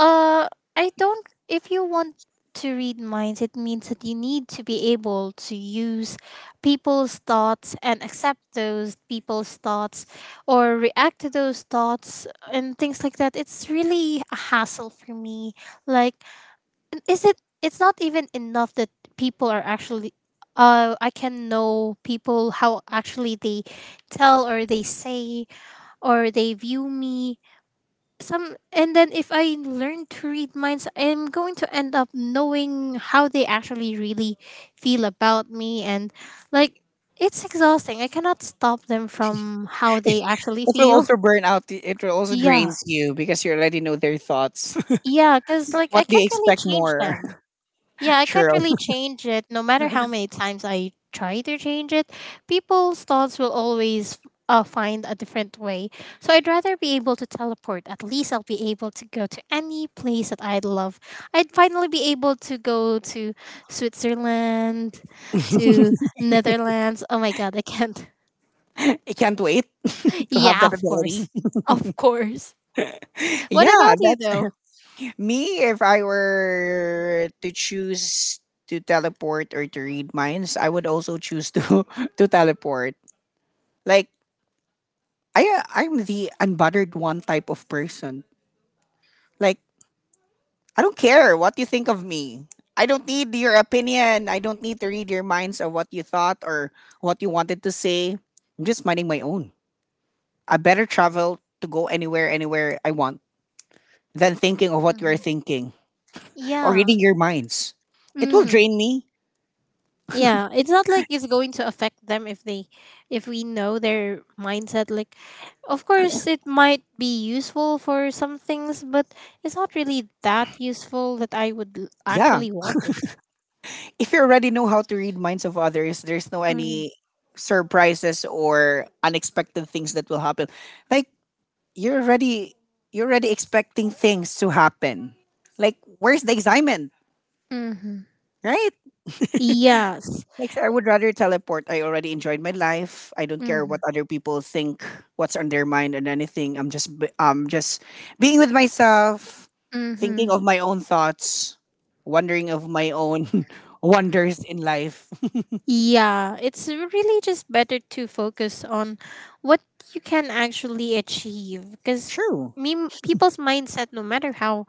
Uh, I don't. If you want to read minds, it means that you need to be able to use people's thoughts and accept those people's thoughts or react to those thoughts and things like that. It's really a hassle for me. Like, and is it? It's not even enough that people are actually. I can know people how actually they tell or they say or they view me some, and then if I learn to read minds, I'm going to end up knowing how they actually really feel about me. And like it's exhausting. I cannot stop them from how It they actually will feel. also burn out, it will also Yeah. drains you because you already know their thoughts. Yeah, cuz like I What do you can't really expect change more? them. Yeah, I can't True. really change it no matter how many times I try to change it. People's thoughts will always find a different way. So I'd rather be able to teleport. At least I'll be able to go to any place that I'd love. I'd finally be able to go to Switzerland, to Netherlands. Oh my god, I can't. I can't wait to have Yeah, that of course. ability. Of course. What Yeah, about you that's though? me. If I were to choose to teleport or to read minds, I would also choose to to teleport. Like, I I'm the unbothered one type of person. Like, I don't care what you think of me. I don't need your opinion. I don't need to read your minds of what you thought or what you wanted to say. I'm just minding my own. I better travel to go anywhere, anywhere I want than thinking of what you are Hmm. thinking or Yeah. reading your minds. It will Mm-hmm. drain me. Yeah, it's not like it's going to affect them if they if we know their mindset. Like, of course it might be useful for some things, but it's not really that useful that I would Yeah. actually want it. If you already know how to read minds of others, there's no Mhm. any surprises or unexpected things that will happen. Like, you're already you're already expecting things to happen. Like, where's the excitement, Mhm. right? Yes. Like, I would rather teleport. I already enjoyed my life. I don't care what Mhm. other people think, what's on their mind, and anything. I'm just just being with myself, thinking Mhm. of my own thoughts, wondering of my own wonders in life. Yeah, it's really just better to focus on what you can actually achieve. Because True. me people's mindset, no matter how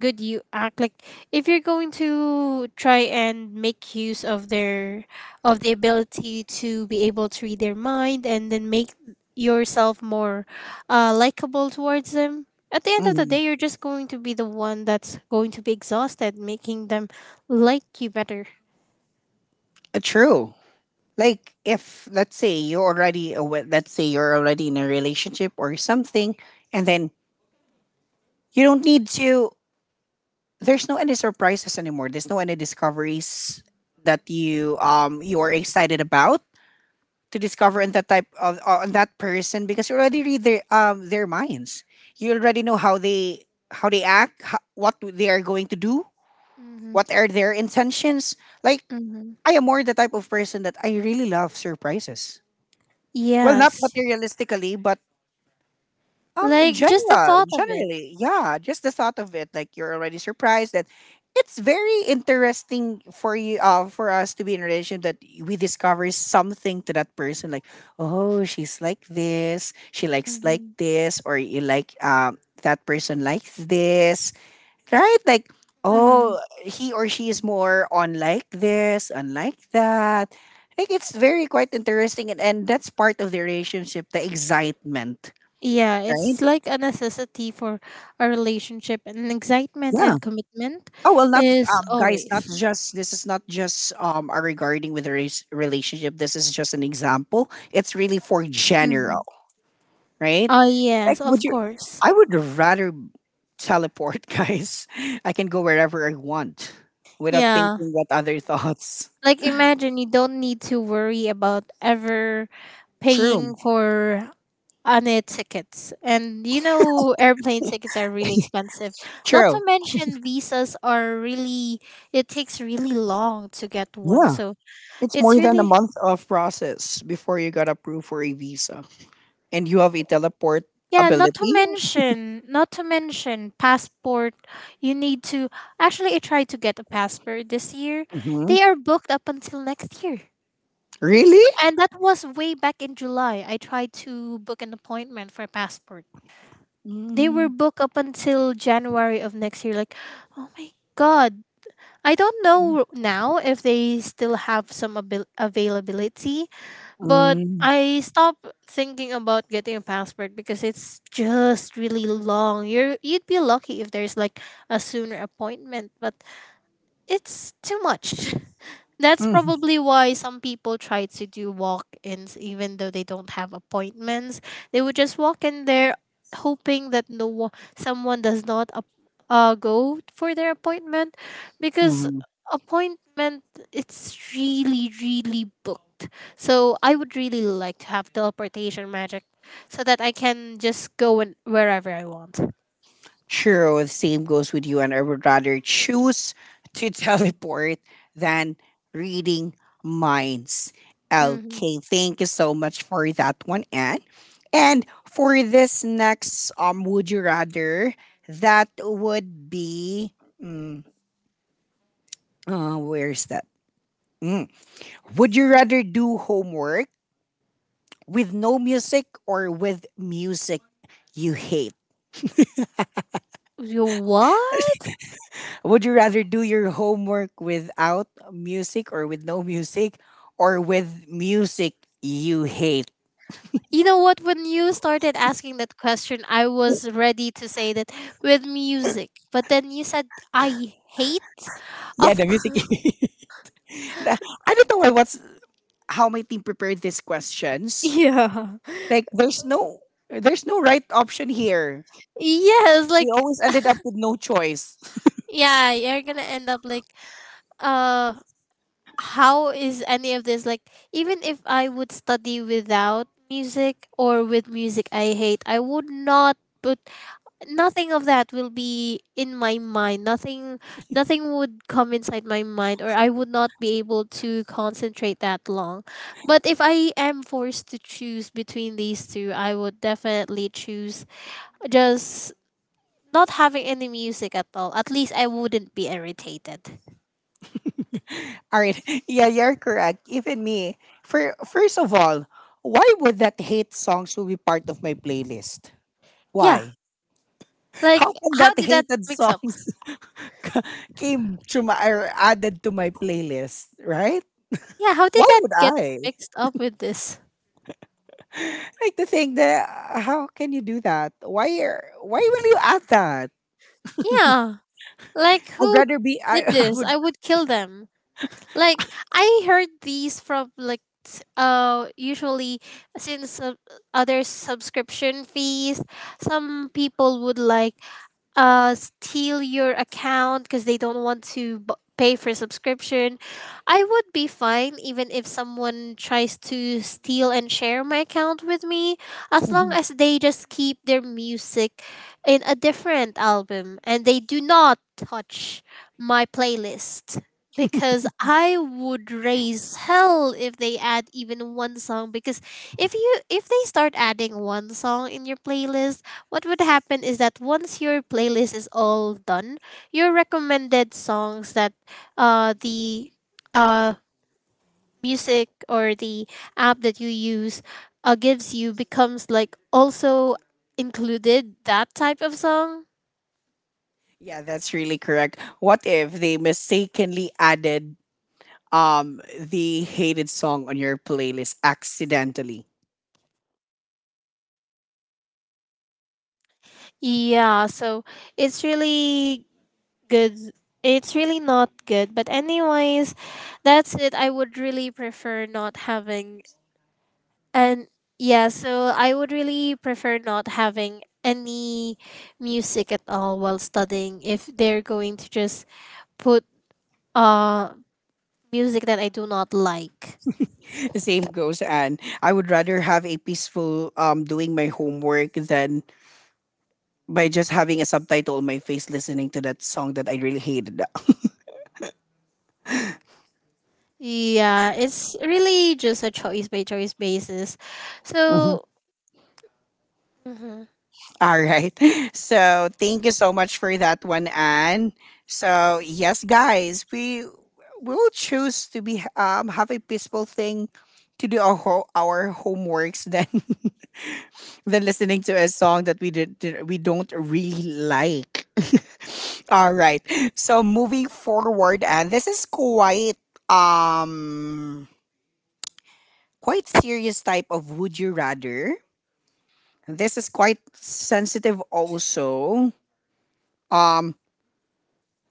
good you act, like if you're going to try and make use of the ability to be able to read their mind and then make yourself more likable towards them, at the end of the Hmm. day you're just going to be the one that's going to be exhausted making them like you better. True. Like, if let's say you're already let's say you're already in a relationship or something, and then you don't need to. There's no any surprises anymore. There's no any discoveries that you you are excited about to discover in that type of on that person because you already read their minds. You already know how they act, what they are going to do, Mm-hmm. what are their intentions. Like, Mm-hmm. I am more the type of person that I really love surprises. Well, not Yes, materialistically, but in like just the general, thought of it. generally, yeah. Just the thought of it, like you're already surprised that it's very interesting for you, for us to be in a relation that we discover something to that person, like, oh, she's like this, she likes like Mm-hmm. this, or you like that person likes this, right? Like, oh, he or she is more on like this, unlike that. Like, it's very quite interesting, and that's part of the relationship, the excitement, Yeah, right? it's like a necessity for a relationship, and excitement Yeah. and commitment Oh well, not is guys. Not always. just this is not just a regarding with a relationship. This is just an example. It's really for Mhm. general, right? Oh, Like, yes, would of you? course. I would rather teleport, guys. I can go wherever I want without Yeah. thinking what other thoughts. Like, imagine you don't need to worry about ever paying True. for any tickets. And you know, airplane tickets are really expensive. Not to True. mention, visas are really, it takes really long to get one. Yeah. So It's it's more than a really month of process before you got approved for a visa. And you have a teleport Yeah, not to ability? mention, not to mention passport. You need to actually I tried to get a passport this year. Hmm. They are booked up until next year. Really? And that was way back in July. I tried to book an appointment for a passport. They were booked up until January of next year. Like, oh my god. I don't know Mm-hmm. now if they still have some availability, but I stopped thinking about getting a passport because it's just really long. You'd be lucky if there's like a sooner appointment, but it's too much. That's probably why some people try to do walk ins even though they don't have appointments. They would just walk in there hoping that someone does not go for their appointment. Because Mhm. appointment it's really really booked. So I would really like to have teleportation magic so that I can just go in wherever I want. True. The same goes with you. And I would rather choose to teleport than reading minds. Hmm. Okay. Thank you so much for that one, Anne. And for this next, would you rather? That would be. Mm, where's that? Mm. Would you rather do homework with no music or with music you hate? You what? Would you rather do your homework without music or with no music or with music you hate? You know what? When you started asking that question, I was ready to say that with music, but then you said I hate. Yeah, Of the music. course, The- I don't know why what's how my team prepared these questions. yeah. Like, there's no right option here. Yes. We Like, always ended up with no choice. yeah, you're gonna end up like, uh, how is any of this like? Even if I would study without music or with music, I hate. I would not put. Nothing of that will be in my mind, nothing, nothing would come inside my mind, or I would not be able to concentrate that long. But if I am forced to choose between these two, I would definitely choose just not having any music at all. At least I wouldn't be irritated. All right. Yeah, you're correct. Even me. For first of all, why would that hate song should be part of my playlist? Yeah, Why? like How can how that did that hated mix song up, came to my or added to my playlist, right? yeah, how did Why that would get I? mixed up with this, Like to think that how can you do that? Why are why will you add that? yeah, like I'd who rather be I, did I this, would. I would kill them. Like I heard these from like usually, since other subscription fees, some people would like steal your account because they don't want to pay for subscription. I would be fine even if someone tries to steal and share my account with me, as long Mhm. as they just keep their music in a different album and they do not touch my playlist. Because I would raise hell if they add even one song, because if you if they start adding one song in your playlist, what would happen is that once your playlist is all done, your recommended songs that the uh, music or the app that you use gives you becomes like also included that type of song. Yeah, that's really correct. What if they mistakenly added the hated song on your playlist accidentally? Yeah, so it's really good. It's really not good. But anyways, that's it. I would really prefer not having And yeah, so I would really prefer not having any music at all while studying if they're going to just put uh music that I do not like. The same goes, Anne. I would rather have a peaceful doing my homework than by just having a subtitle on my face listening to that song that I really hated. Yeah, it's really just a choice by choice basis. So, mhm. All right. So thank you so much for that one, Anne. So yes, guys, we will choose to be have a peaceful thing to do our homeworks than than listening to a song that we did, we don't really like. All right. So moving forward, and this is quite um quite serious type of would you rather. And this is quite sensitive also. Um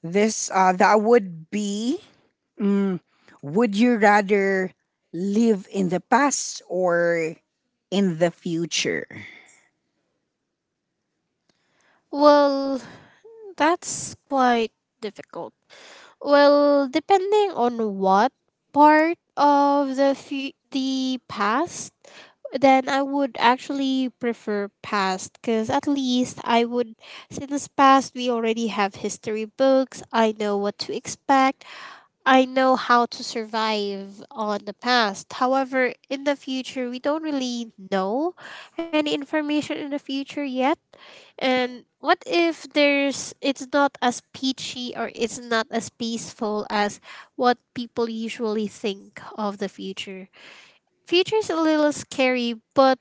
This that would be mm, would you rather live in the past or in the future? Well, that's quite difficult. Well, depending on what part of the past, then I would actually prefer past, because at least I would, since past we already have history books, I know what to expect, I know how to survive on the past. However, in the future, we don't really know any information in the future yet. And what if there's it's not as peachy or it's not as peaceful as what people usually think of the future? Future is a little scary, but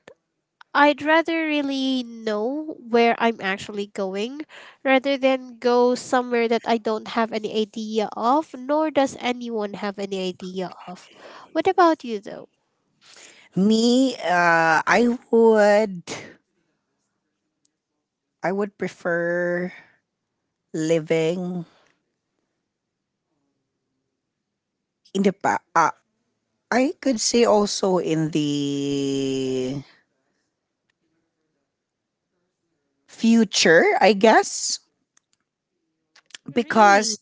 I'd rather really know where I'm actually going rather than go somewhere that I don't have any idea of, nor does anyone have any idea of. What about you, though? Me, I would prefer living in the past. I could say also in the future, I guess, Really? because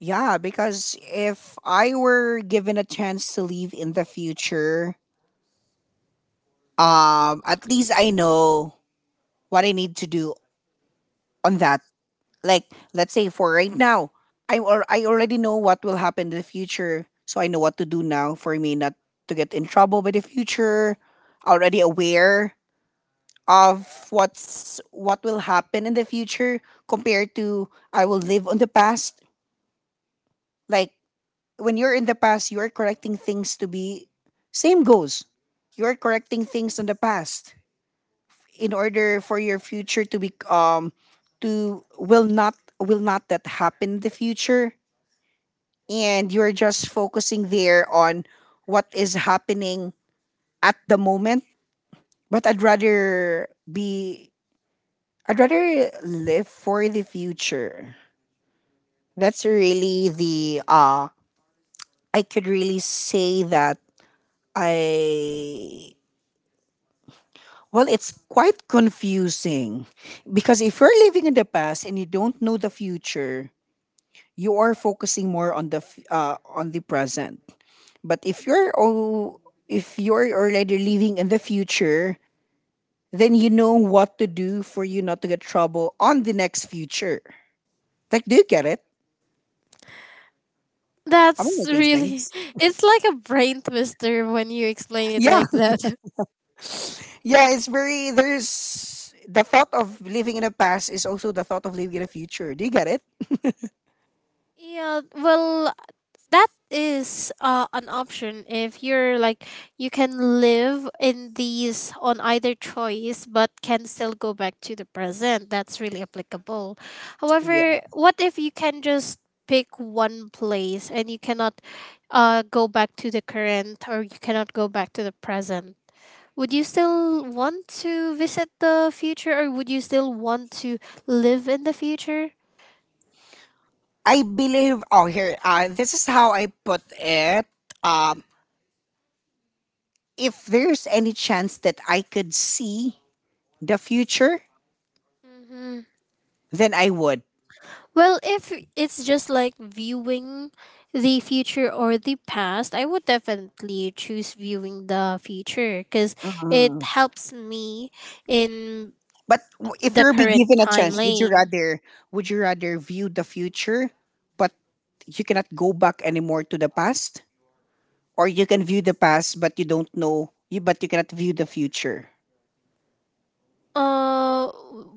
yeah, because if I were given a chance to live in the future, at least I know what I need to do on that. Like, let's say for right now, I already know what will happen in the future, so I know what to do now for me not to get in trouble by the future. Already aware of what's what will happen in the future compared to I will live on the past. Like, when you're in the past, you are correcting things to be same goes. You are correcting things on the past in order for your future to be to will not that happen in the future, and you're just focusing there on what is happening at the moment. But I'd rather be I'd rather live for the future. That's really the I could really say that I well, it's quite confusing because if you're living in the past and you don't know the future, you are focusing more on the on the present. But if you're oh, if you're already living in the future, then you know what to do for you not to get trouble on the next future. Like, do you get it? I'm That's making really. sense. It's like a brain twister when you explain it Yeah, like that. yeah. It's very there's the thought of living in the past is also the thought of living in the future. Do you get it? Yeah, well, that is an option if you're like you can live in these on either choice but can still go back to the present. That's really applicable. Yeah. However, what if you can just pick one place and you cannot go back to the current, or you cannot go back to the present? Would you still want to visit the future or would you still want to live in the future? I believe. Oh, here. This is how I put it. Um, if there's any chance that I could see the future, Mhm. then I would. Well, if it's just like viewing the future or the past, I would definitely choose viewing the future because it Mm. helps me in But if the you're be current given a time chance, lane. Would you rather view the future, but you cannot go back anymore to the past, or you can view the past but you don't know you but you cannot view the future? Uh,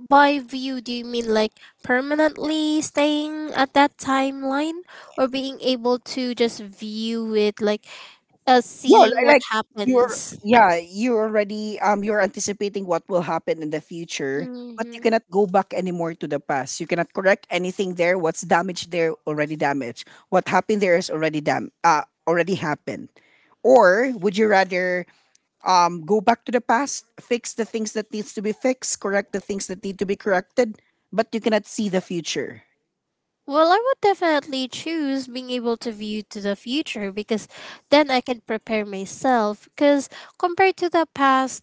by view, do you mean like permanently staying at that timeline or being able to just view it like No, seeing what like you're happens? yeah, you are already you're anticipating what will happen in the future, but you Mm-hmm. cannot go back anymore to the past. You cannot correct anything there. What's damaged there already damaged. What happened there is already dam already happened. Or would you rather go back to the past, fix the things that needs to be fixed, correct the things that need to be corrected, but you cannot see the future? Well, I would definitely choose being able to view to the future because then I can prepare myself. Because compared to the past,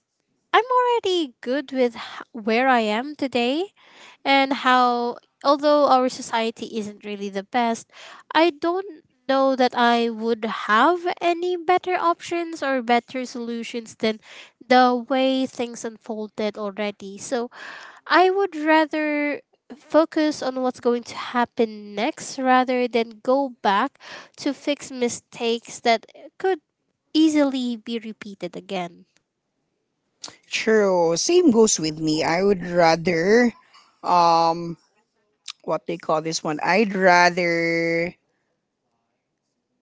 I'm already good with where I am today and how, although our society isn't really the best, I don't know that I would have any better options or better solutions than the way things unfolded already. So I would rather focus on what's going to happen next rather than go back to fix mistakes that could easily be repeated again. True. Same goes with me. I would rather what they call this one. I'd rather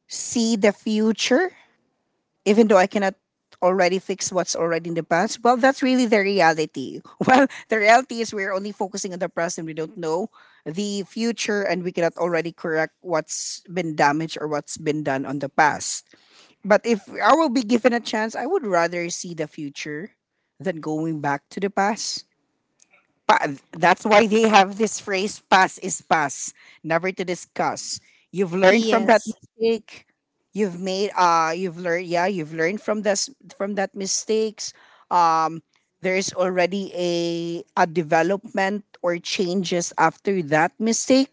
see the future, even though I cannot already fix what's already in the past. Well, that's really the reality. Well, the reality is we're only focusing on the present. We don't know the future, and we cannot already correct what's been damaged or what's been done on the past. But if I will be given a chance, I would rather see the future than going back to the past. That's why they have this phrase, pass is pass, never to discuss. You've learned from that Yes. mistake. You've made you've learned, yeah, you've learned from this from that mistakes. Um there's already a development or changes after that mistake.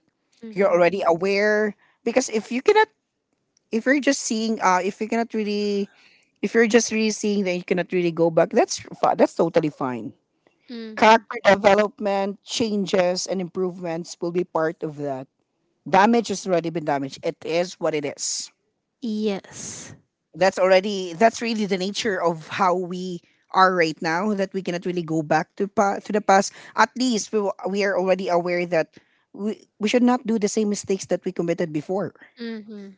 You're Mm-hmm. already aware, because if you're just seeing if you cannot really, if you're just really seeing that you cannot really go back, that's totally fine. Mm-hmm. Character development, changes, and improvements will be part of that. Damage has already been damaged. It is what it is. Yes. That's really the nature of how we are right now. That we cannot really go back to to the past. At least we are already aware that we should not do the same mistakes that we committed before, Mm-hmm.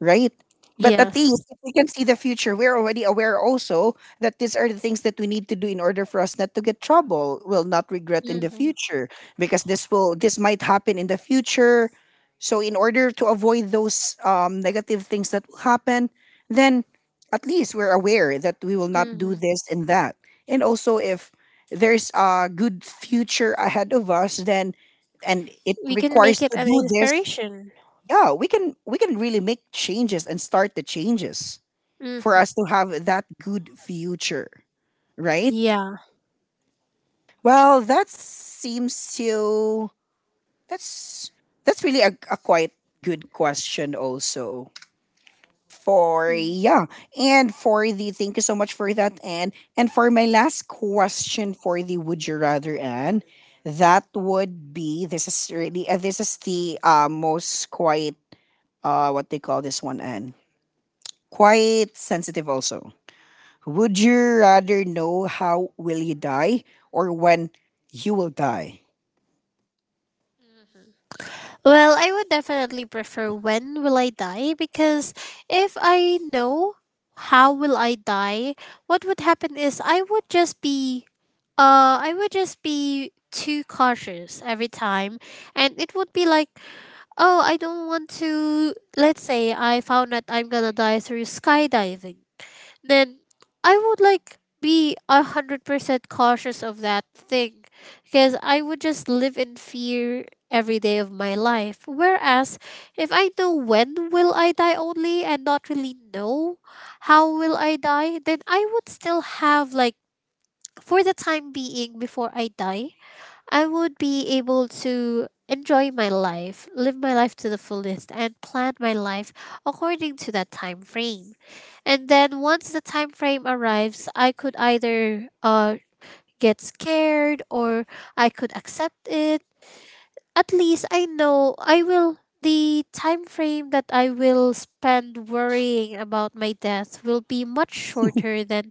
right? But at Yes. least if we can see the future, we're already aware also that these are the things that we need to do in order for us not to get trouble, will not regret in the Mm-hmm. future, because this might happen in the future. So in order to avoid those negative things that will happen, then at least we're aware that we will not do Mm-hmm. this and that. And also, if there's a good future ahead of us, then, and it We can requires make it to an do this, inspiration. yeah, we can really make changes and start the changes for Mm. us to have that good future, right? Yeah. Well, that seems so. that's that's really a quite good question also, for, yeah. And for the thank you so much for that. And for my last question for the would you rather, and that would be, this is really, this is the most quite what they call this one, and quite sensitive also. Would you rather know how will you die, or when you will die? Well, I would definitely prefer when will I die because if I know how will I die, what would happen is I would just be too cautious every time and it would be like, oh, I don't want to, let's say I found that I'm going to die through skydiving, then I would like be 100% cautious of that thing because I would just live in fear every day of my life. Whereas if I know when will I die only and not really know how will I die, then I would still have like, for the time being before I die, I would be able to enjoy my life, live my life to the fullest, and plan my life according to that time frame. And then once the time frame arrives, I could either get scared or I could accept it. At least I know I will, the time frame that I will spend worrying about my death will be much shorter than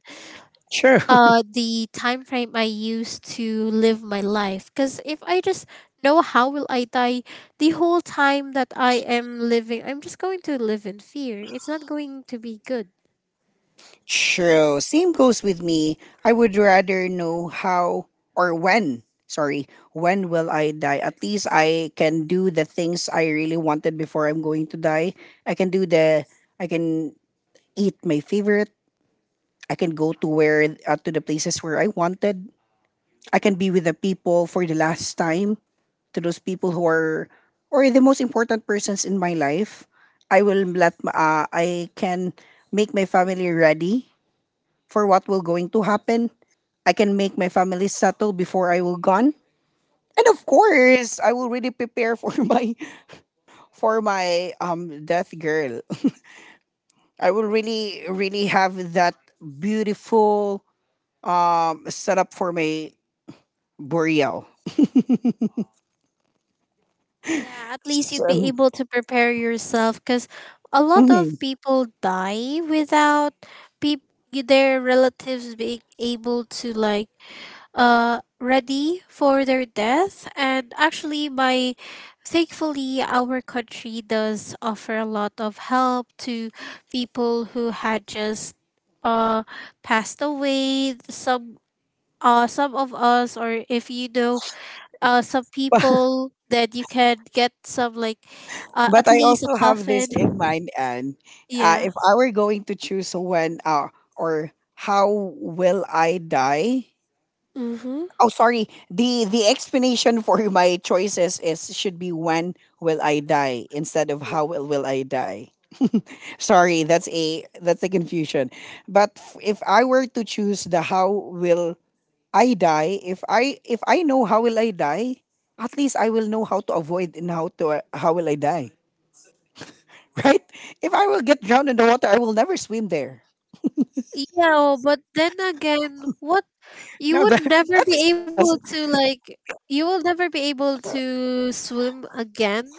True. The time frame I use to live my life, because if I just know how will I die, the whole time that I am living I'm just going to live in fear, it's not going to be good. True. Same goes with me. I would rather know how or when. Sorry, when will I die? At least I can do the things I really wanted before I'm going to die. I can do the I can eat my favorite. I can go to where to the places where I wanted. I can be with the people for the last time, to those people who are or the most important persons in my life. I will I can make my family ready for what will going to happen. I can make my family settle before I will gone. And of course, I will really prepare for my, for my death girl. I will really really have that beautiful setup for my burial. Yeah, at least you'd be So, able to prepare yourself because a lot of mhm. people die without peop- their relatives being able to like ready for their death. And actually my, thankfully our country does offer a lot of help to people who had just uh passed away. Some, some of us, or if you know some people that you can get some like, But at I least a also have coffin. this in mind. And Yeah. if I were going to choose when, or how will I die? Mm-hmm. Oh, sorry. The explanation for my choices is should be when will I die instead of how will I die. sorry, that's a, that's a confusion. But if I were to choose the how will I die, if I know how will I die, at least I will know how to avoid and how to, how will I die. right? If I will get drowned in the water, I will never swim there. Yeah, but then again, what, you No, would that, never that be is able just, to like, you will never be able to swim again.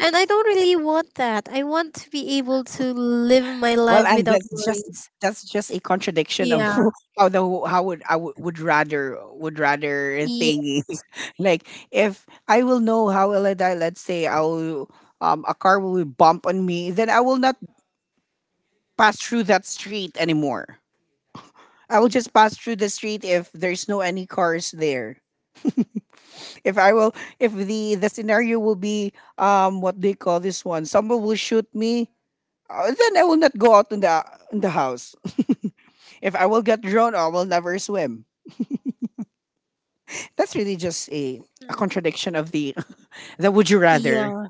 And I don't really want that. I want to be able to live my well, life and without that's just, worries. that's just a contradiction of Yeah. how the how would I would rather, would rather Yeah. thing. like if I will know how will I die. Let's say I will, a car will bump on me, then I will not pass through that street anymore. I will just pass through the street if there's no any cars there. If I will, if the scenario will be, what do you call this one? Someone will shoot me. Then I will not go out in the, in the house. If I will get drowned, I will never swim. That's really just a Mm. contradiction of the, the would you rather. Yeah.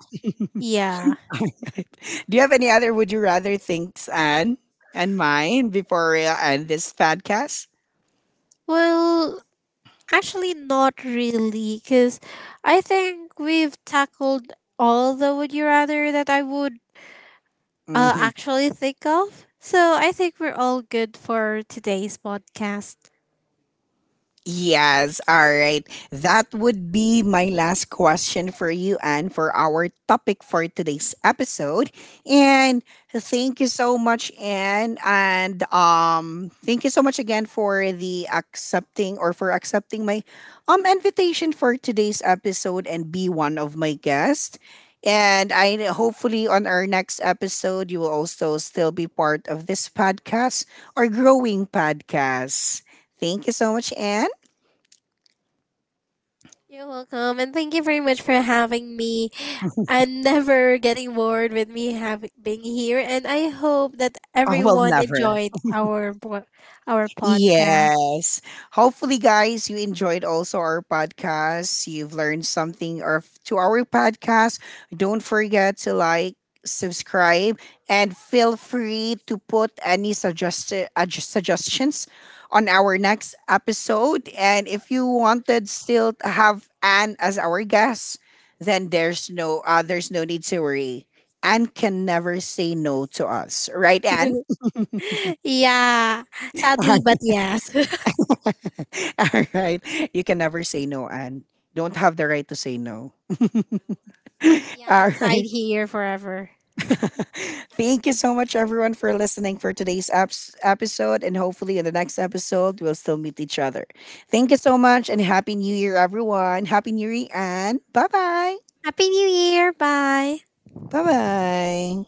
Yeah. Do you have any other would you rather things, Anne, and mine before we end this podcast? Well, actually not really, cuz I think we've tackled all the would you rather that I would, Mm-hmm. actually think of. So I think we're all good for today's podcast. Yes, all right. That would be my last question for you and for our topic for today's episode. And thank you so much, Anne. And thank you so much again for the accepting, or for accepting my invitation for today's episode and be one of my guests. And I hopefully on our next episode you will also still be part of this podcast or growing podcast. Thank you so much, Anne. You're welcome, and thank you very much for having me. I'm never getting bored with me having being here, and I hope that Oh, well, everyone never. enjoyed our our podcast. Yes. Hopefully, guys, you enjoyed also our podcast. You've learned something or to our podcast. Don't forget to like, subscribe, and feel free to put any suggested suggestions on our next episode. And if you wanted still to have Anne as our guest, then there's no, there's no need to worry. Anne can never say no to us, right, Anne? Yeah, sadly, but yes. All right. You can never say no, Anne. Don't have the right to say no. Yeah, All I'm tied right. here forever. Thank you so much, everyone, for listening for today's episode. And hopefully, in the next episode, we'll still meet each other. Thank you so much, and Happy New Year, everyone. Happy New Year, Anne. Bye bye. Happy New Year! Bye. Bye bye.